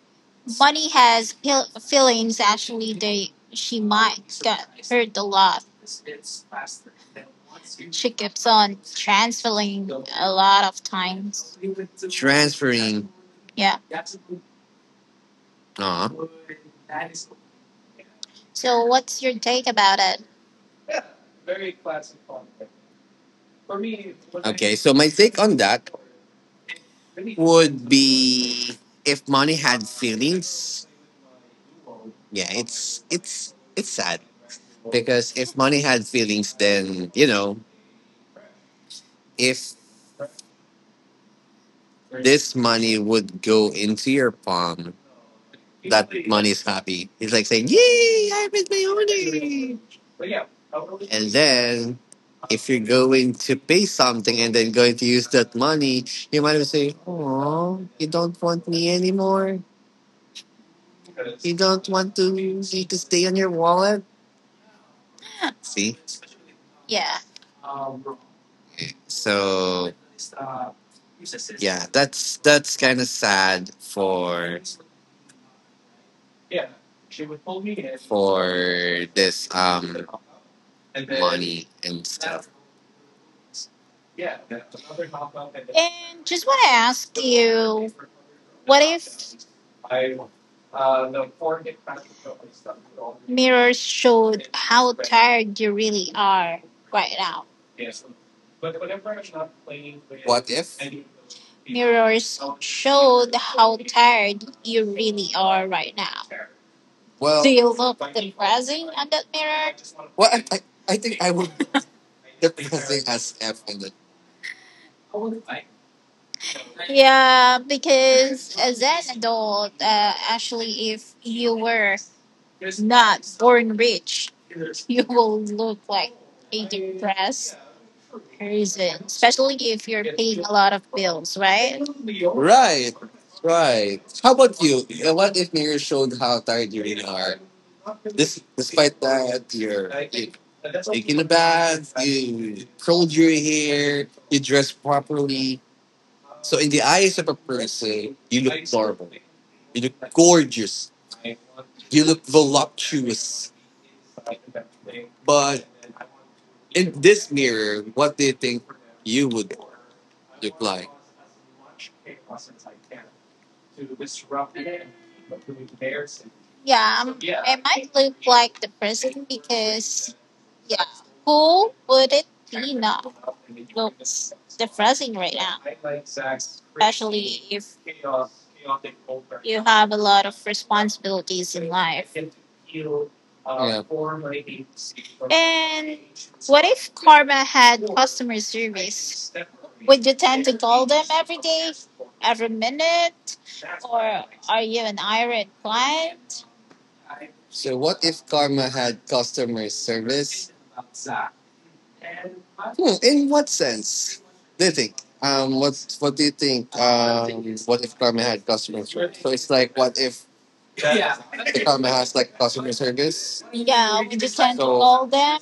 Speaker 1: money has feel- feelings, actually. She mastered a lot of pickups on transferring a lot of times. Transferring. Yeah. Aw. So what's your take about it? Okay, so my take on that would be if money had feelings, yeah, it's it's it's sad because if money had feelings, then you know if this money would go into your palm that money's happy. He's like saying, "Yay, I made my money!" And then, if you're going to pay something and then going to use that money, you might have say, "Oh, you don't want me anymore. You don't want to me to stay on your wallet." See? Yeah. So, yeah, that's that's kind of sad for for this um money and stuff. And just want to ask you, mirrors show how tired you really are right now, if? You really are right now. Well, do, well, you want that I, I as the, yeah, because as an adult, uh, actually, if you were not born rich, you will look like dress person, especially if you're a lot of bills, right? Right, right. How about you? Uh, What if mirror showed how tired you really are? This, despite that, you're you, taking a bath, you curled your hair, you dress properly. So in the eyes of a person, you look normal. You look gorgeous. You look voluptuous. But in this mirror, what do you think you would look like? Yeah, it might look like the because, yeah, who wouldn't the president right now if you have a lot of responsibilities? If karma had customer service? Could you tell every minute, are you an iron client? Karma had customer in what sense? They think. Um, what's what do you think? Um, what if Kame had customer service? So it's like, what if, yeah. Kame has like customer service? Yeah, so, call them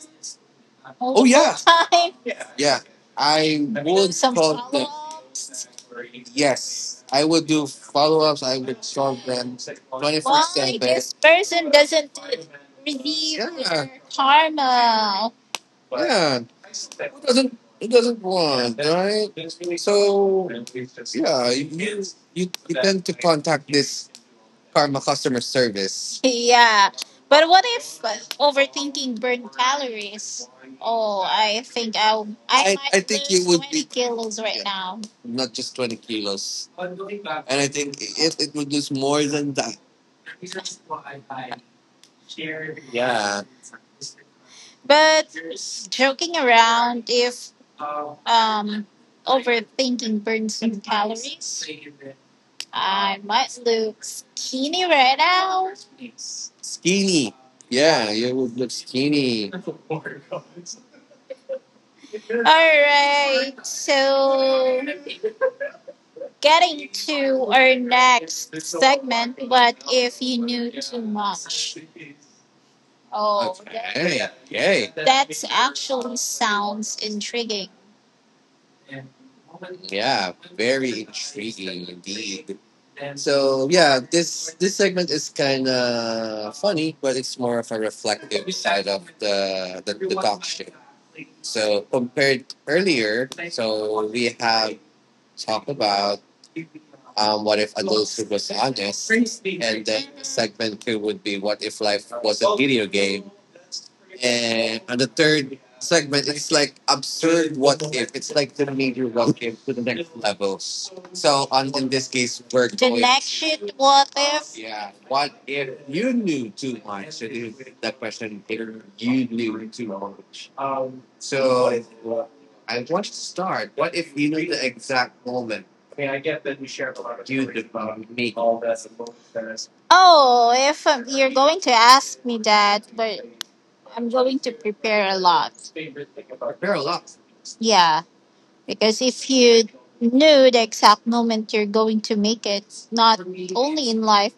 Speaker 1: all, oh the, yeah, time. Yeah. I would some call them. Follow-ups. Yes, I would do follow ups. I would solve them twenty four why seven. This person isn't, yeah, their karma? Yeah, who doesn't who doesn't want, right? So yeah, you you, you tend to contact this karma customer service. Yeah. But what if overthinking burned calories? Oh, I think I I I I might think you lose would twenty be kilos right, yeah, now. Not just twenty kilos, and I think it it would lose more than that. Yeah, but joking around, if Um, overthinking burns I might look skinny right now. Skinny. Yeah, you would look skinny, right. So getting back. Oh, okay. Sound intriguing. Yeah, very intriguing indeed. So yeah, this this segment is kind of funny, but it's more of a reflective side of the the, the talk shit. So compared earlier, so we have talked about um, what if adulthood was honest, and then segment two would be what if life was a video game, and on the third segment, it's like absurd what if. It's like the major what if to the next level. So on in this case, we're the going. Next shit, what if? Yeah. What if you knew too much? That is the question. If you knew too much. So I want you to start. What if you knew the exact moment? I mean, I get that we share a lot of you did make. Oh, if I'm going to ask. Care a lot. Are, yeah, because if you knew the exact moment you're going to make it, not in life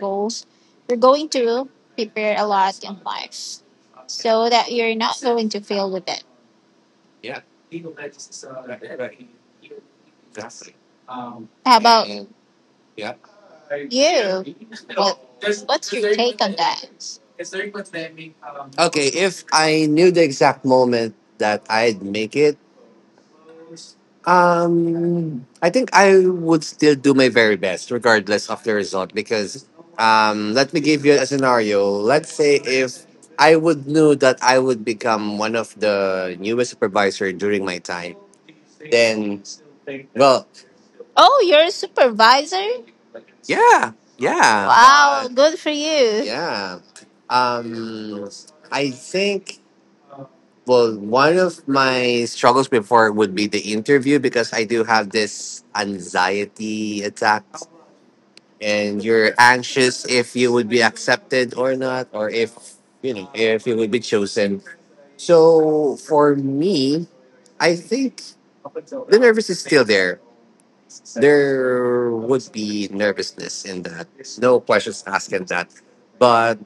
Speaker 1: goals, you're going to care a lot life, so that you're not. Yeah. How about, and yeah, you? If I knew the exact moment that I'd make it, Um, I think I would still do my very best, regardless of the result, because um, let me give you a scenario. Let's say if I would knew that I would become one of the newest supervisor during my time, then, well, oh, you're a supervisor? Yeah, yeah, wow, good for you. Yeah. Um, I think. Well, one of my struggles before would be the interview because I do have this anxiety attack, and you're anxious if you would be accepted or not, or if you know if you would be chosen. So for me, I think the nervous is still there. There would be nervousness in that. No questions asked in that. But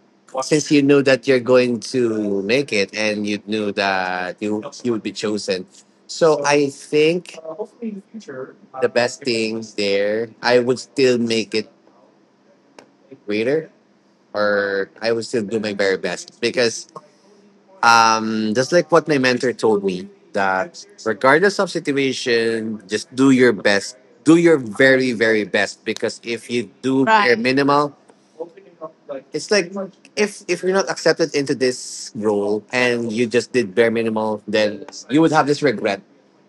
Speaker 1: since you knew that you're going to make it and you knew that you, you would be chosen. So I think the best thing there, I would still make it greater or I would still do my very best because um, just like what my mentor told me that regardless of situation, just do your best. Do your very, very best because if you do bare, right, minimal, it's like if if you're not accepted into this role and you just did bare minimal, then you would have this regret.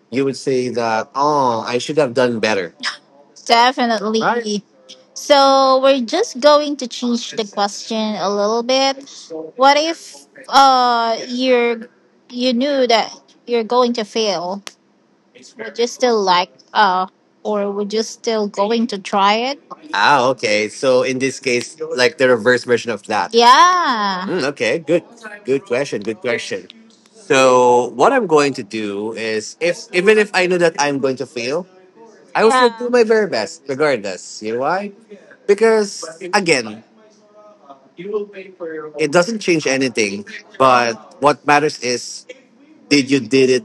Speaker 1: You would say that, oh, I should have done better. Right? Definitely. So we're just going to change the question a little bit. What if uh you're you knew that you're going to fail? You still like uh or would you still going to try it? Ah, okay. So in this case, like the reverse version of that. Yeah. Mm, okay, good. Good question. Good question. So what I'm going to do is if even if I know that I'm going to fail, I will still, yeah, do my very best, regardless. You know why? Because again, it doesn't change anything. But what matters is did you did it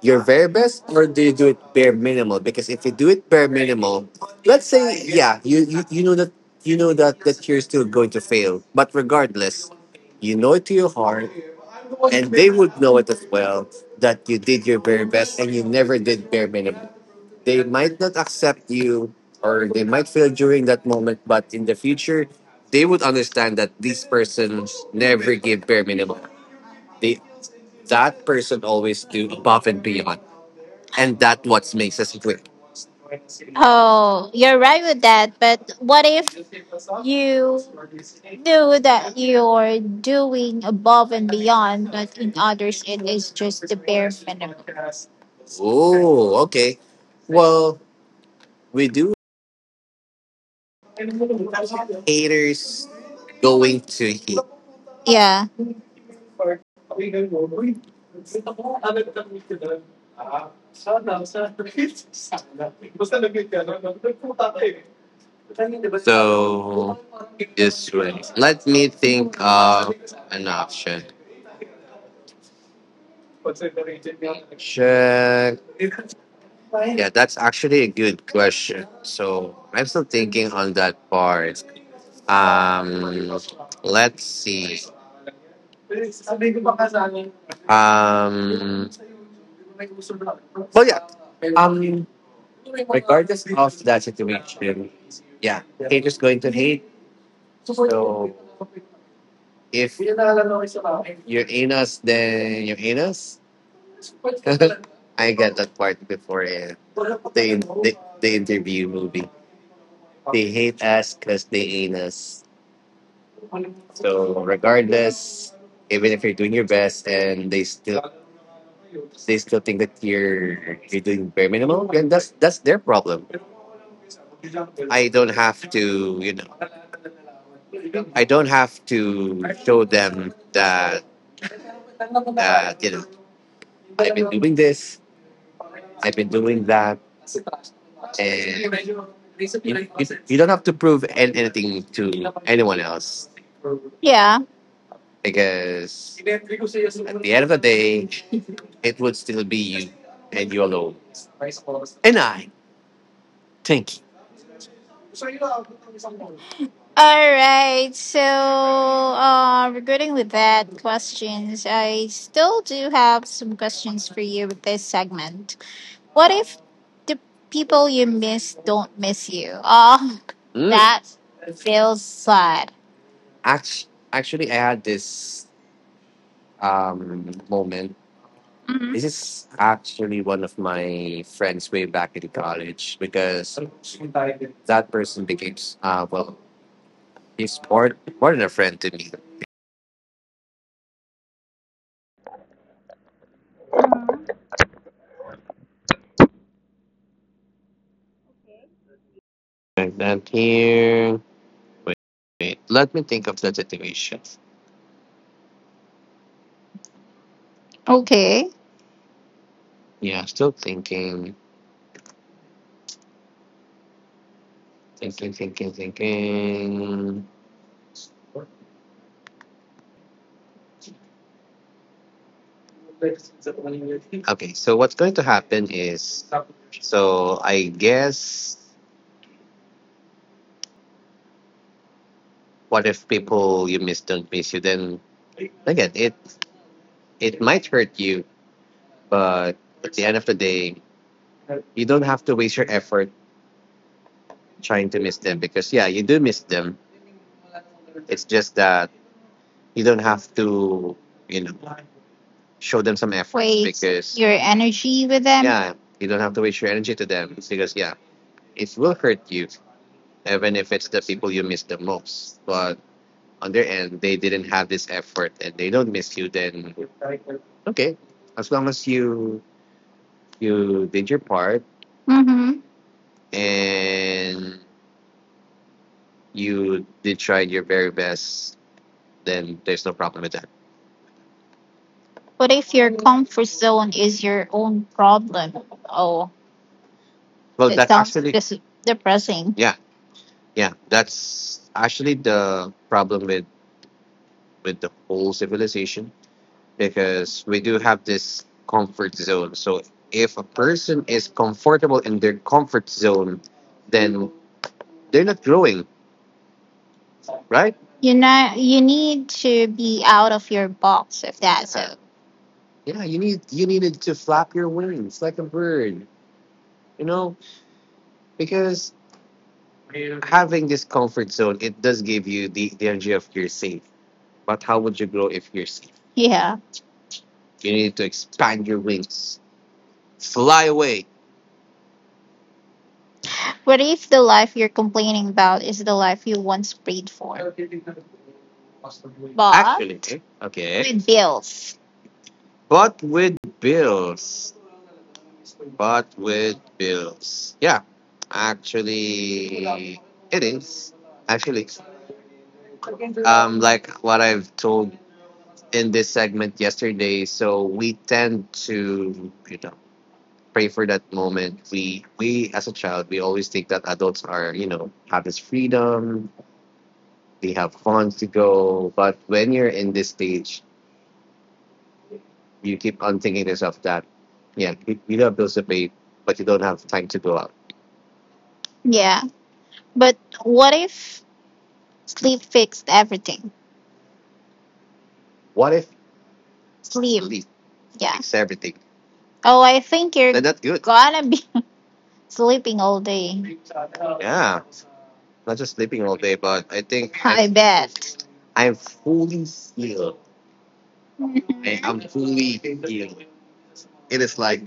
Speaker 1: your very best or do you do it bare minimal because if you do it bare minimal, let's say yeah you you, you know that you know that that you're still going to fail but regardless you know it to your heart and they would know it as well that you did your very best and you never did bare minimum. They might not accept you or they might fail during that moment but in the future they would understand that these persons never give bare minimum. They That person always do above and beyond and that what makes us great. Oh, you're right with that. But what if you knew that you're doing above and beyond, but in others it is just bare minimum? Okay. Well, we do
Speaker 2: Haters going to hate. Yeah. So just let me think an option. Check. Yeah, that's actually a good question. So I'm still thinking on that part. Um, let's see. Um, um, that's it. Yeah, I'm just going. If you're in us, then you're in us. I got that part before uh, the interview movie. Hate us because they ain't us. So, regardless. Is even if you're doing your best and they still they still think that you're you're doing bare minimal, that's their problem. I don't have to you know don't have to doing this. I've been doing that. Don't have to prove an- anything to anyone else. Yeah. Because it would still be you and you alone, and I thank you. All right. So, uh, regarding with that questions, I still do have some questions for you with this segment. What if the people you miss don't miss you? Oh, Mm, that feels sad. Act- actually, I had this um, moment. hmm This is actually one of my friends way back in college because that person became, uh, well, he's more, more than a friend to me. Like that here. Wait, let me think of the situation. Okay. Yeah, still thinking. Thinking, thinking, thinking. Okay, so what's going to happen is, so I guess, what if people you miss don't miss you? Then again, it it might hurt you, but at the end of the day, you don't have to waste your effort trying to miss them, because yeah, you do miss them. It's just that you don't have to, you know, show them some effort. Waste because your energy with them. Yeah, you don't have to waste your energy to them, because yeah, it will hurt you even if it's the people you miss the most. But on their end, they didn't have this effort and they don't miss you. Then okay, as long as you you did your part. Mm-hmm. And you did try your very best, then there's no problem with that. What if your comfort zone is your own problem? Oh, well, it that's sounds actually dis- depressing. Yeah, yeah, that's actually the problem with with the whole civilization, because we do have this comfort zone. So if a person is comfortable in their comfort zone, then they're not growing, right? You know, you need to be out of your box if that's. Yeah, so, yeah. You need you needed to flap your wings like a bird, you know, because having this comfort zone, it does give you the the energy of you're safe. But how would you grow if you're safe? Yeah. You need to expand your wings. Fly away. What if the life you're complaining about is the life you once prayed for? But actually, okay, with bills. But with bills. But with bills. Yeah. Actually, it is. Actually, like what I've told in this segment yesterday, so we tend to, you know, pray for that moment. We we as a child, we always think that adults are you know have this freedom, they have fun to go. But when you're in this stage, you keep on thinking to yourself that yeah, you, you don't have bills to pay, but you don't have time to go out. Yeah. But what if sleep fixed everything? What if sleep. Sleep. Yeah. Fixes everything? Oh, I think you're. Then that's good. Gonna be sleeping all day. Not just sleeping all day, but I think I I bet. I'm fully seen. And it's like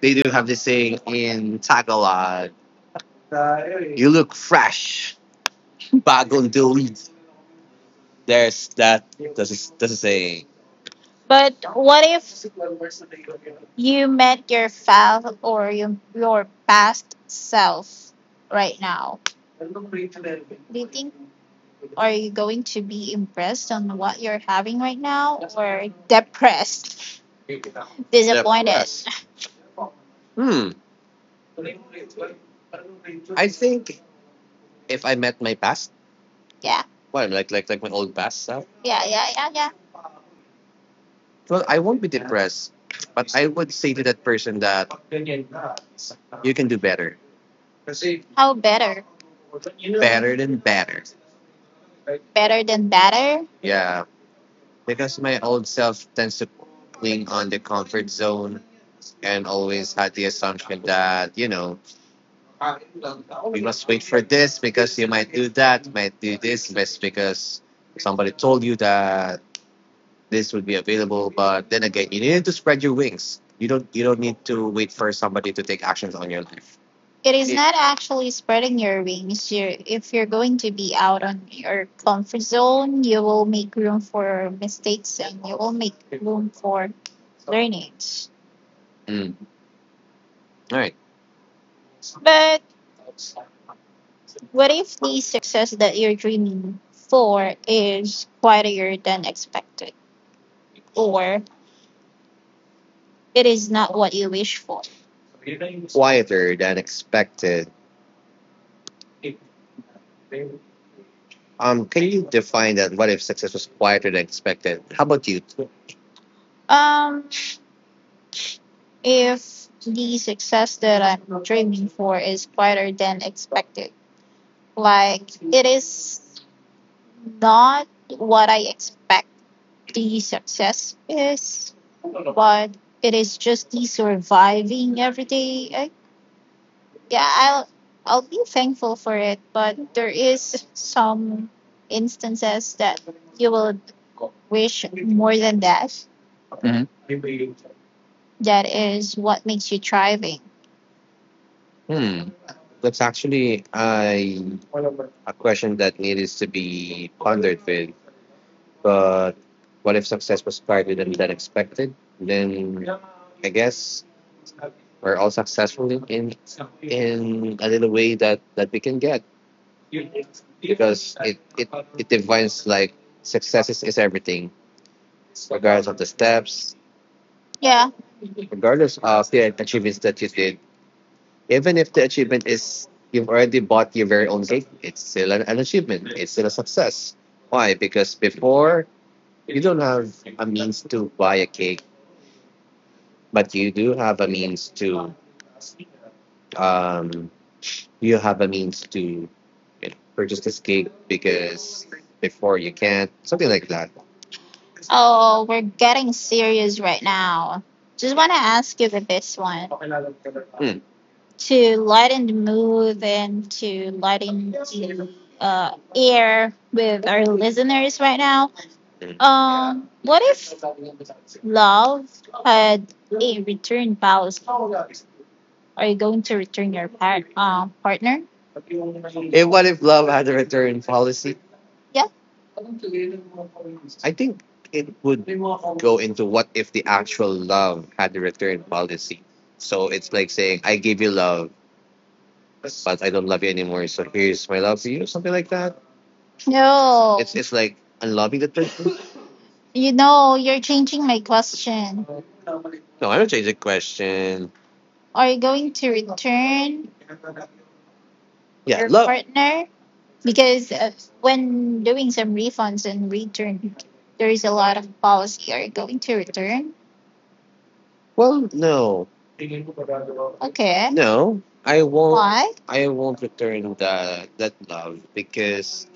Speaker 2: they do have this saying in Tagalog, you look fresh, bagong delete. There's that the saying. But what if you met your past, or your, your past self right now? Do you think, are you going to be impressed on what you're having right now, or depressed, disappointed? Depressed. Hmm. If I met my past. Yeah. What? like like like my old past self. Yeah. Yeah. Yeah. Yeah. Well, I won't be depressed. Would say that person that you can do better. How better? Than better. Better than better? Yeah, because my old self tends to cling on the comfort zone, and always had the assumption that you know it might, because somebody told you that this would be available. But then again, you need to spread your wings. You don't you don't need to wait for somebody to take actions on your life. It is It, not actually spreading your wings. You, if you're going to be out on your comfort zone, you will make room for mistakes, and you will make room for learnings. mm, all right. But what if the success that you're dreaming for is quieter than expected, or it is not what you wish for? Quieter than expected. Um, can you define that? What if success was quieter than expected? How about you? Um, If the success that I'm dreaming for is quieter than expected, like it is not what I expect the success is, but it is just the surviving every day. I, yeah, I'll I'll be thankful for it, but there is some instances that you will wish more than that. That is what makes you thriving. Hmm. That's actually I a question that needs to be pondered with. But what if success was quieter than, than expected? Then yes, we're all successful in a little way that, that we can get. Success is everything. Yeah. Regardless of the achievements that you did, even if the achievement is you've already bought your very own cake, it's still an, an achievement. It's still a success. Why? Because before you have means to buy a cake, but you do have a means um, do you have a means to, you know, purchase this cake, because before you can't, something like that. Oh, we're getting serious right now. Just want to ask you with this one to lighten the mood, and to lighten the uh, air with our listeners right now. Mm. Um, what if love had a return policy? Are you going to return your par- um, partner? What if love? Yeah. I think it would into, what if the actual love had a return policy? So it's like saying, I gave you love, I don't love you anymore, so here's my love to you, something like that. No, It's it's like unloving the person. you know, you're changing my question. I don't change the question. Are you going to. Yeah, your love. Partner? Because uh, when doing some refunds and return, there is a lot of policy. Are you going to return? Well, no, no, I won't. Why? I won't return that that love, because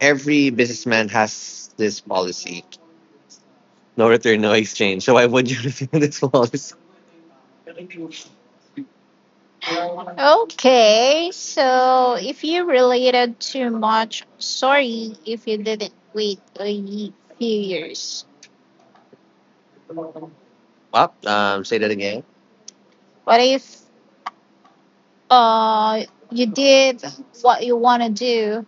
Speaker 2: every businessman has this policy: no return, no exchange. So why would you return this policy? Okay, so if you related too much, sorry if you didn't wait a ye- few years. Well, um, say that again. What if uh you did what you want to do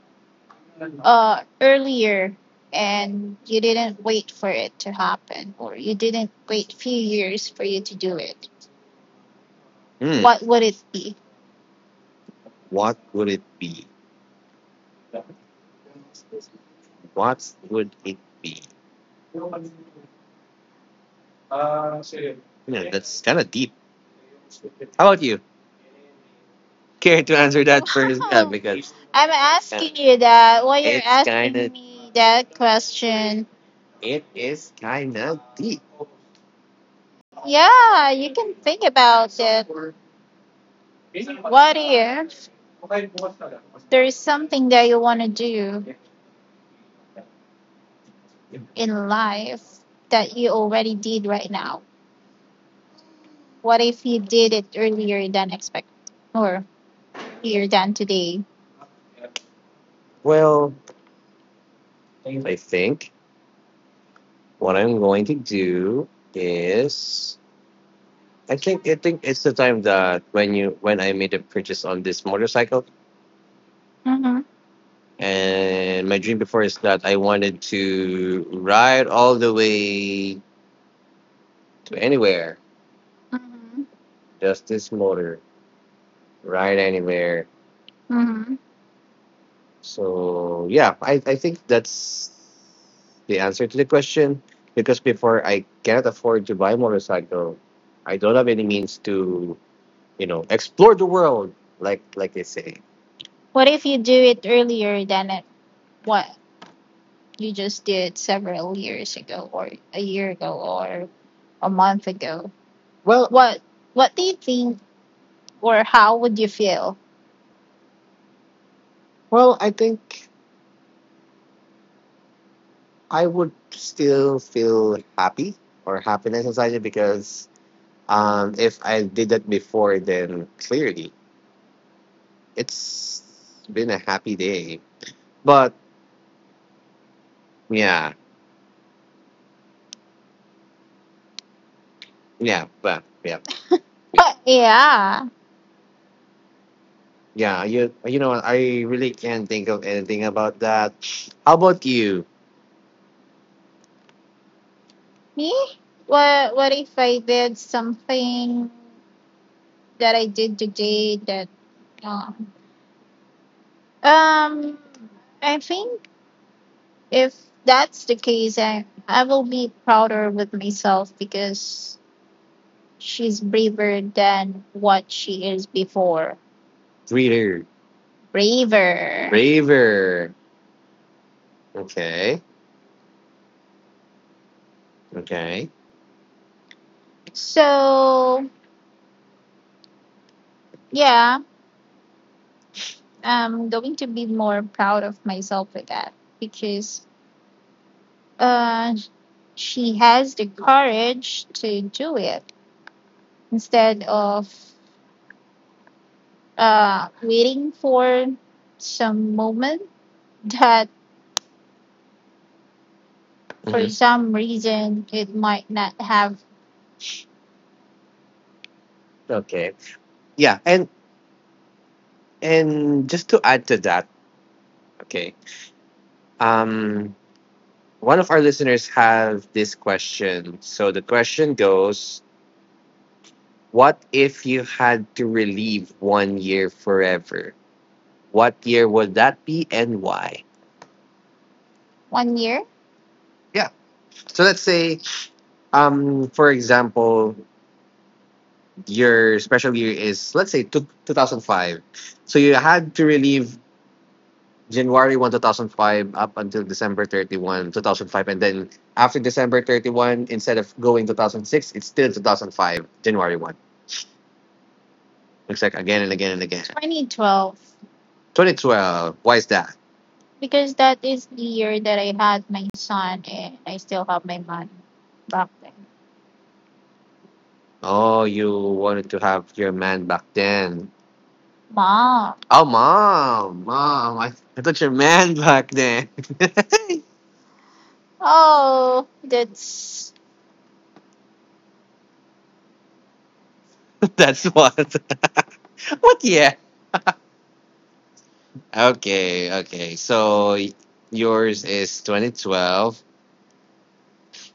Speaker 2: uh, earlier, and you didn't wait for it to happen, or you didn't wait few years for you to do it. Hmm. What would it be? What would it be? What would it be? Kind of deep. How about you? Care to answer that first? Yeah, wow, because I'm uh, asking you that, why you're, it's kind asking of me that question, it is kind of deep. Yeah, you can think about it. What if there's something that you want to do in life that you already did right now? What if you did it earlier than expected, or earlier than today? Well, I think what I'm going to do is, I think I think it's the time that when you when I made a purchase on this motorcycle. Mm-hmm. And my dream before is that I wanted to ride all the way to anywhere. Mm-hmm. Just this motor, ride anywhere. Mm-hmm. So yeah, I, I think that's the answer to the question. Because before, I cannot afford to buy a motorcycle, I don't have any means to, you know, explore the world like like they say. What if you do it earlier than it, what you just did several years ago, or a year ago, or a month ago? Well. What What do you think, or how would you feel? Well, I think I would still feel happy, or happiness inside it, because um, if I did that before, then clearly it's been a happy day. But yeah, yeah, but yeah, yeah, yeah, yeah. You you know what? I really can't think of anything about that. How about you? Me? What What if I did something that I did today that um um I think. If that's the case, I, I will be prouder with myself, because she's braver than what she is before. Reader. Braver. Braver. Okay. Okay. So, yeah, I'm going to be more proud of myself with that because uh, she has the courage to do it instead of uh, waiting for some moment that for Mhm. some reason it might not have. Okay. Yeah, and and just to add to that, okay. Um one of our listeners have this question. So the question goes, what if you had to relieve one year forever? What year would that be and why? One year? Yeah. So let's say um for example, your special year is let's say two, 2005. So you had to relieve January first, two thousand five up until December thirty-first, twenty oh five. And then after December thirty-first, instead of going two thousand six, it's still two thousand five, January first. Looks like again and again and again. 2012 twenty twelve. Why is that? Because that is the year that I had my son and I still have my man back then. Oh, you wanted to have your man back then. Mom. Oh, mom, mom, I, I thought your man back then. Oh, that's That's what. what yeah. Okay, okay. So y- yours is twenty twelve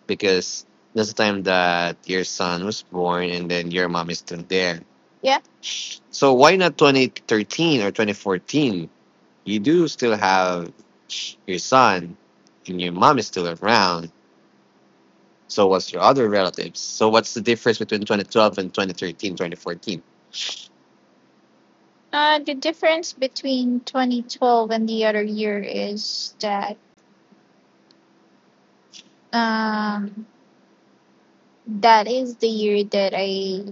Speaker 2: because that's the time that your son was born and then your mom is still there. Yeah. So why not twenty thirteen or twenty fourteen? You do still have your son and your mom is still around. So what's your other relatives? So what's the difference between twenty twelve and twenty thirteen, twenty fourteen? Uh, the difference between twenty twelve and the other year is that um, that is the year that I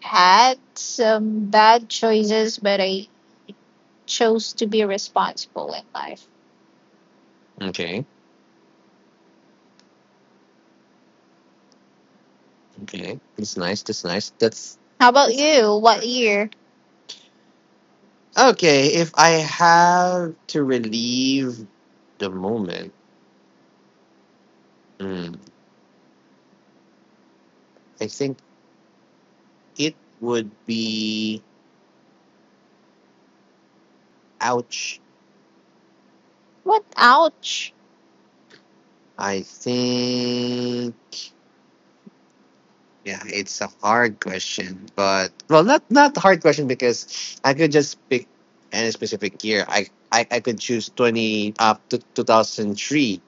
Speaker 2: had some bad choices, but I chose to be responsible in life. Okay. Okay. That's nice. That's nice. That's How about you? What year? Okay. If I have to relieve the moment, mm, I think it would be ouch. What? Ouch. I think yeah, it's a hard question, but well, not not a hard question because I could just pick any specific year. I I, I could choose twenty up to two thousand three,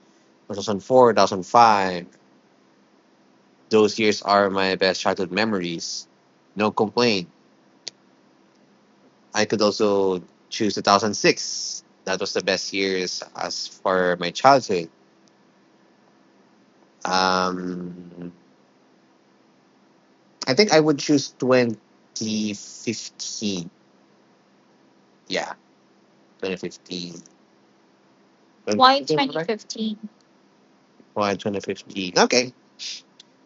Speaker 2: two thousand four, two thousand five. Those years are my best childhood memories. No complaint. I could also choose two thousand six. That was the best years as for my childhood. Um, I think I would choose twenty fifteen. Yeah, twenty fifteen. Why right? twenty fifteen? Why twenty fifteen? Okay.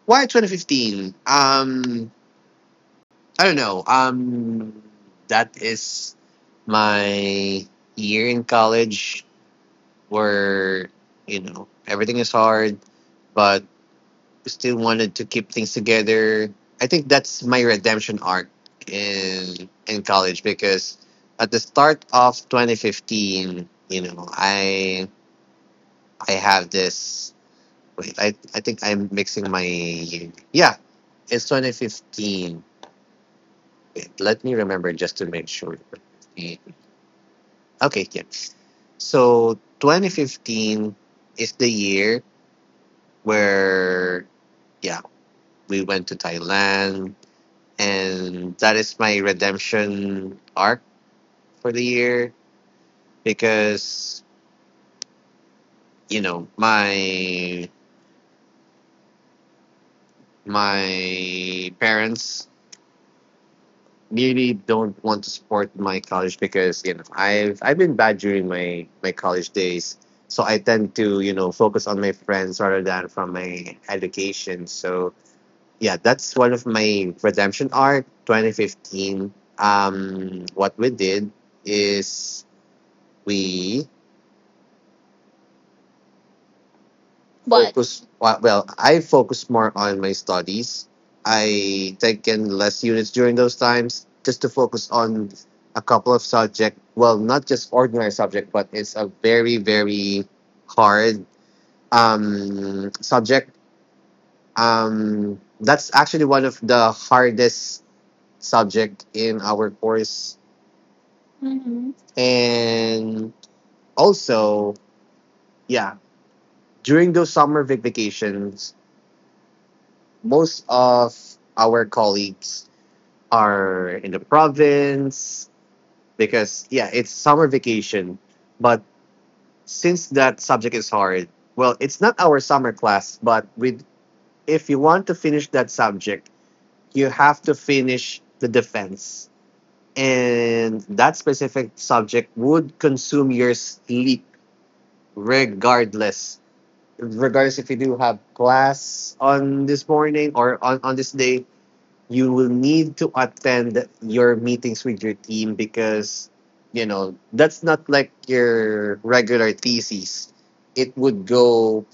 Speaker 2: Why twenty fifteen? Um, I don't know. Um, that is my year in college where, you know, everything is hard, but still wanted to keep things together. I think that's my redemption arc in in college because at the start of twenty fifteen, you know, I I have this. Wait, I, I think I'm mixing my. Yeah, it's twenty fifteen. Wait, let me remember just to make sure. Okay, yeah. So twenty fifteen is the year where, yeah, we went to Thailand. And that is my redemption arc for the year because, you know, my my parents really don't want to support my college because you know I've I've been bad during my my college days. So I tend to, you know, focus on my friends rather than from my education. So yeah, that's one of my redemption arc twenty fifteen. Um, what we did is we. What? Focus wa- well, I focus more on my studies. I taken less units during those times just to focus on a couple of subject, well, not just ordinary subject, but it's a very very hard um subject, um that's actually one of the hardest subject in our course. hmm and also, yeah, during those summer vacations most of our colleagues are in the province because yeah, it's summer vacation. But since that subject is hard, well, it's not our summer class, but with if you want to finish that subject, you have to finish the defense. And that specific subject would consume your sleep regardless. Regardless if you do have class on this morning or on, on this day, you will need to attend your meetings with your team because you know that's not like your regular thesis. It would go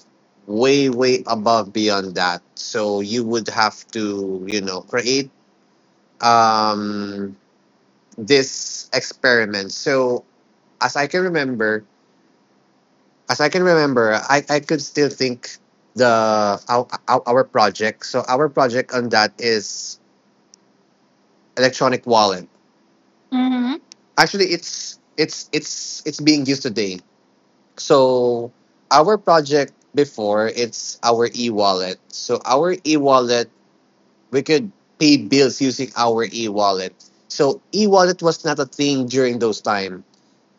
Speaker 2: way way above beyond that, so you would have to, you know, create um this experiment. So as i can remember as i can remember, i i could still think the our, our our project. So our project on that is electronic wallet. Mm-hmm. Actually it's it's it's it's being used today. So our project before it's our e-wallet. So our e-wallet, we could pay bills using our e-wallet. So e-wallet was not a thing during those time,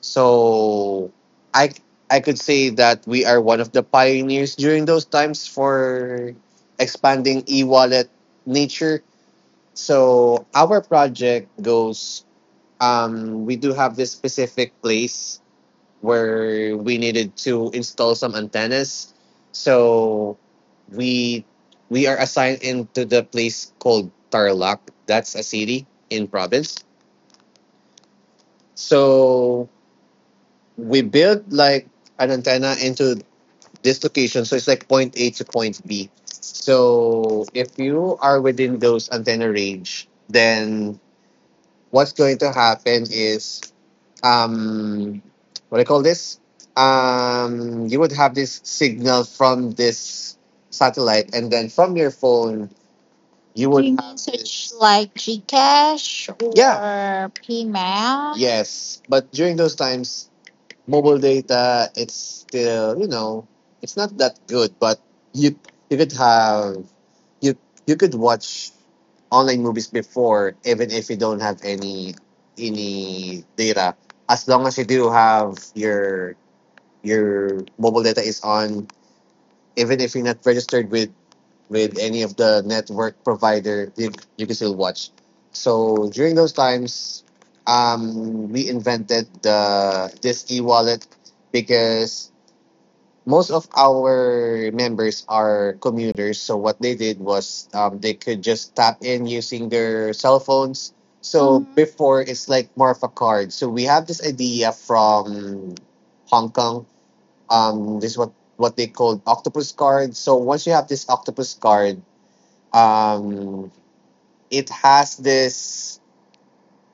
Speaker 2: so i i could say that we are one of the pioneers during those times for expanding e-wallet nature. So our project goes, um, we do have this specific place where we needed to install some antennas. So we we are assigned into the place called Tarlac. That's a city in province. So we built like an antenna into this location. So it's like point A to point B. So if you are within those antenna range, then what's going to happen is, um, what do you call this? Um, you would have this signal from this satellite, and then from your phone, you. Do would you mean have such this, like Gcash? Yeah, or PayMax? Yes. But during those times, mobile data it's still, you know, it's not that good, but you you could have. You you could watch online movies before, even if you don't have any any data, as long as you do have your your mobile data is on, even if you're not registered with with any of the network provider, you, you can still watch. So during those times, um, we invented the this e-wallet because most of our members are commuters, so what they did was, um, they could just tap in using their cell phones. So Mm-hmm. before it's like more of a card. So we have this idea from Hong Kong. Um, this is what what they called octopus card. So once you have this octopus card, um, it has this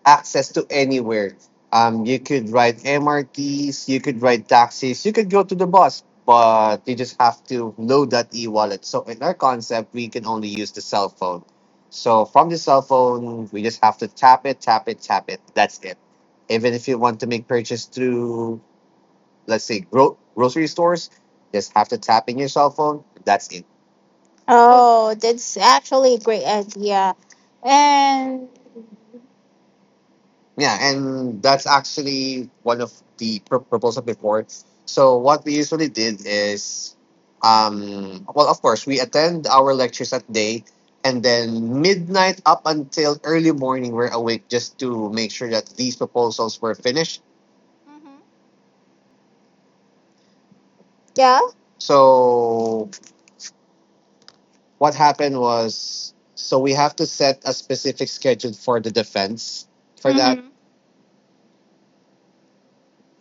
Speaker 2: access to anywhere. Um, you could ride M R Ts, you could ride taxis, you could go to the bus, but you just have to load that e wallet. So, in our concept, we can only use the cell phone. So, from the cell phone, we just have to tap it, tap it, tap it. That's it. Even if you want to make purchase through, let's say, gro- grocery stores, just have to tap in your cell phone. That's it. Oh, that's actually a great idea. And Yeah, and that's actually one of the pro- proposals before. So what we usually did is, um, well, of course, we attend our lectures at day, and then midnight up until early morning, we're awake just to make sure that these proposals were finished. Yeah, so what happened was, so we have to set a specific schedule for the defense for that.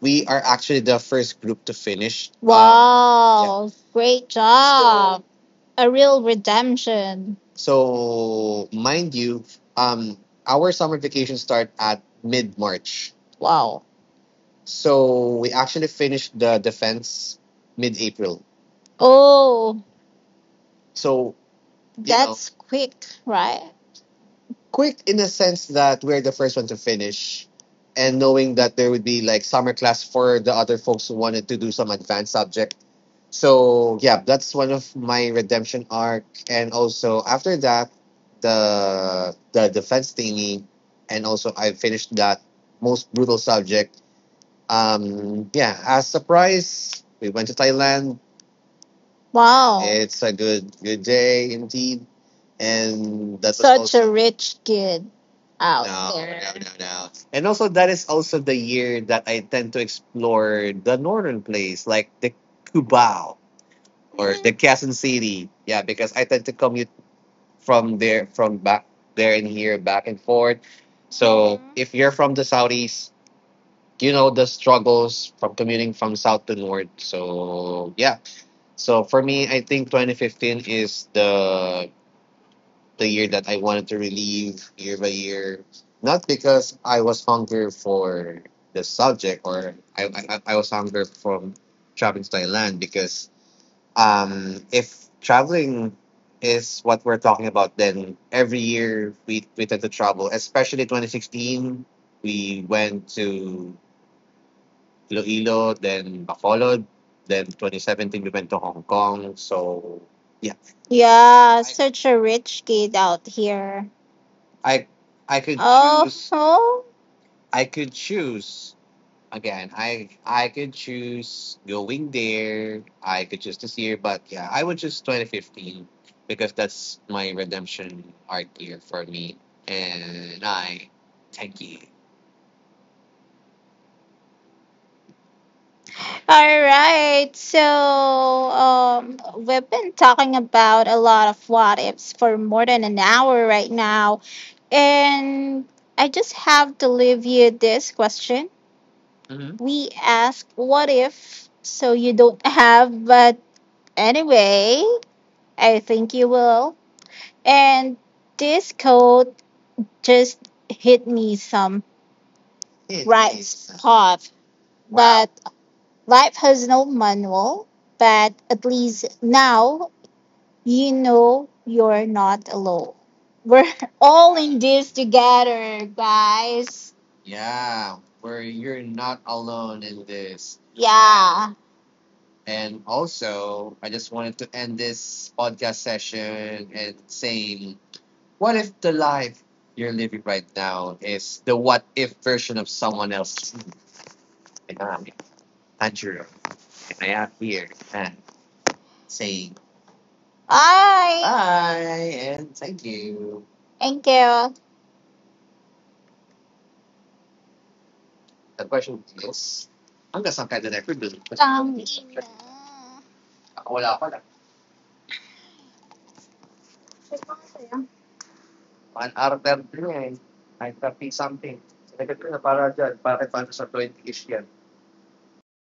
Speaker 2: We are actually the first group to finish. Um, yeah. Wow. Great. A real redemption. So mind you, um, our summer vacation start at mid March. Wow. So we actually finished the defense mid April. Oh, so you know, that's quick, right? Quick in the sense that we're the first one to finish and knowing that there would be like summer class for the other folks who wanted to do some advanced subject. So yeah, that's one of my redemption arc, and also after that, the the defense thingy, and also I finished that most brutal subject. Um, yeah, as surprise, we went to Thailand. Wow. It's a good good day indeed, and that was such also a also rich kid out, no, no, there. No, no. And also, that is also the year that I tend to explore the northern place, like the Cubao or the Quezon City. Yeah, because I tend to commute from there, from back there and here, back and forth. So Mm-hmm. if you're from the southeast, you know the struggles from commuting from south to north. So yeah. So for me, I think twenty fifteen is the the year that I wanted to relieve year by year. Not because I was hungry for the subject or I I, I I was hungry from traveling to Thailand because, um, if traveling is what we're talking about, then every year we, we tend to travel, especially twenty sixteen. We went to Iloilo, then Bacolod, then twenty seventeen we went to Hong Kong. So, yeah. Yeah, I, such a rich kid out here. I I could, oh, choose, oh. I could choose. Again, I I could choose going there. I could choose this year, but yeah, I would choose twenty fifteen because that's my redemption art year for me. And I thank you. All right. So, um, we've been talking about a lot of what ifs for more than an hour right now. And I just have to leave you this question. hmm We ask what if? So you don't have, but anyway, I think you will. And this code just hit me some. It right is. Spot. Wow. But life has no manual. But at least now you know you're not alone. We're all in this together, guys. Yeah, where you're not alone in this. Yeah. And also, I just wanted to end this podcast session and saying, what if the life you're living right now is the what if version of someone else? And I'm Andrew, and I am here and saying bye. Bye and thank you. Thank you. The question is, hanggang saan kaya na record? Tangina. Wala pa lang. One hour thirty na eh. nine thirty something. Sinagot ko na para dyan. Bakit paano sa twenty-ish yan?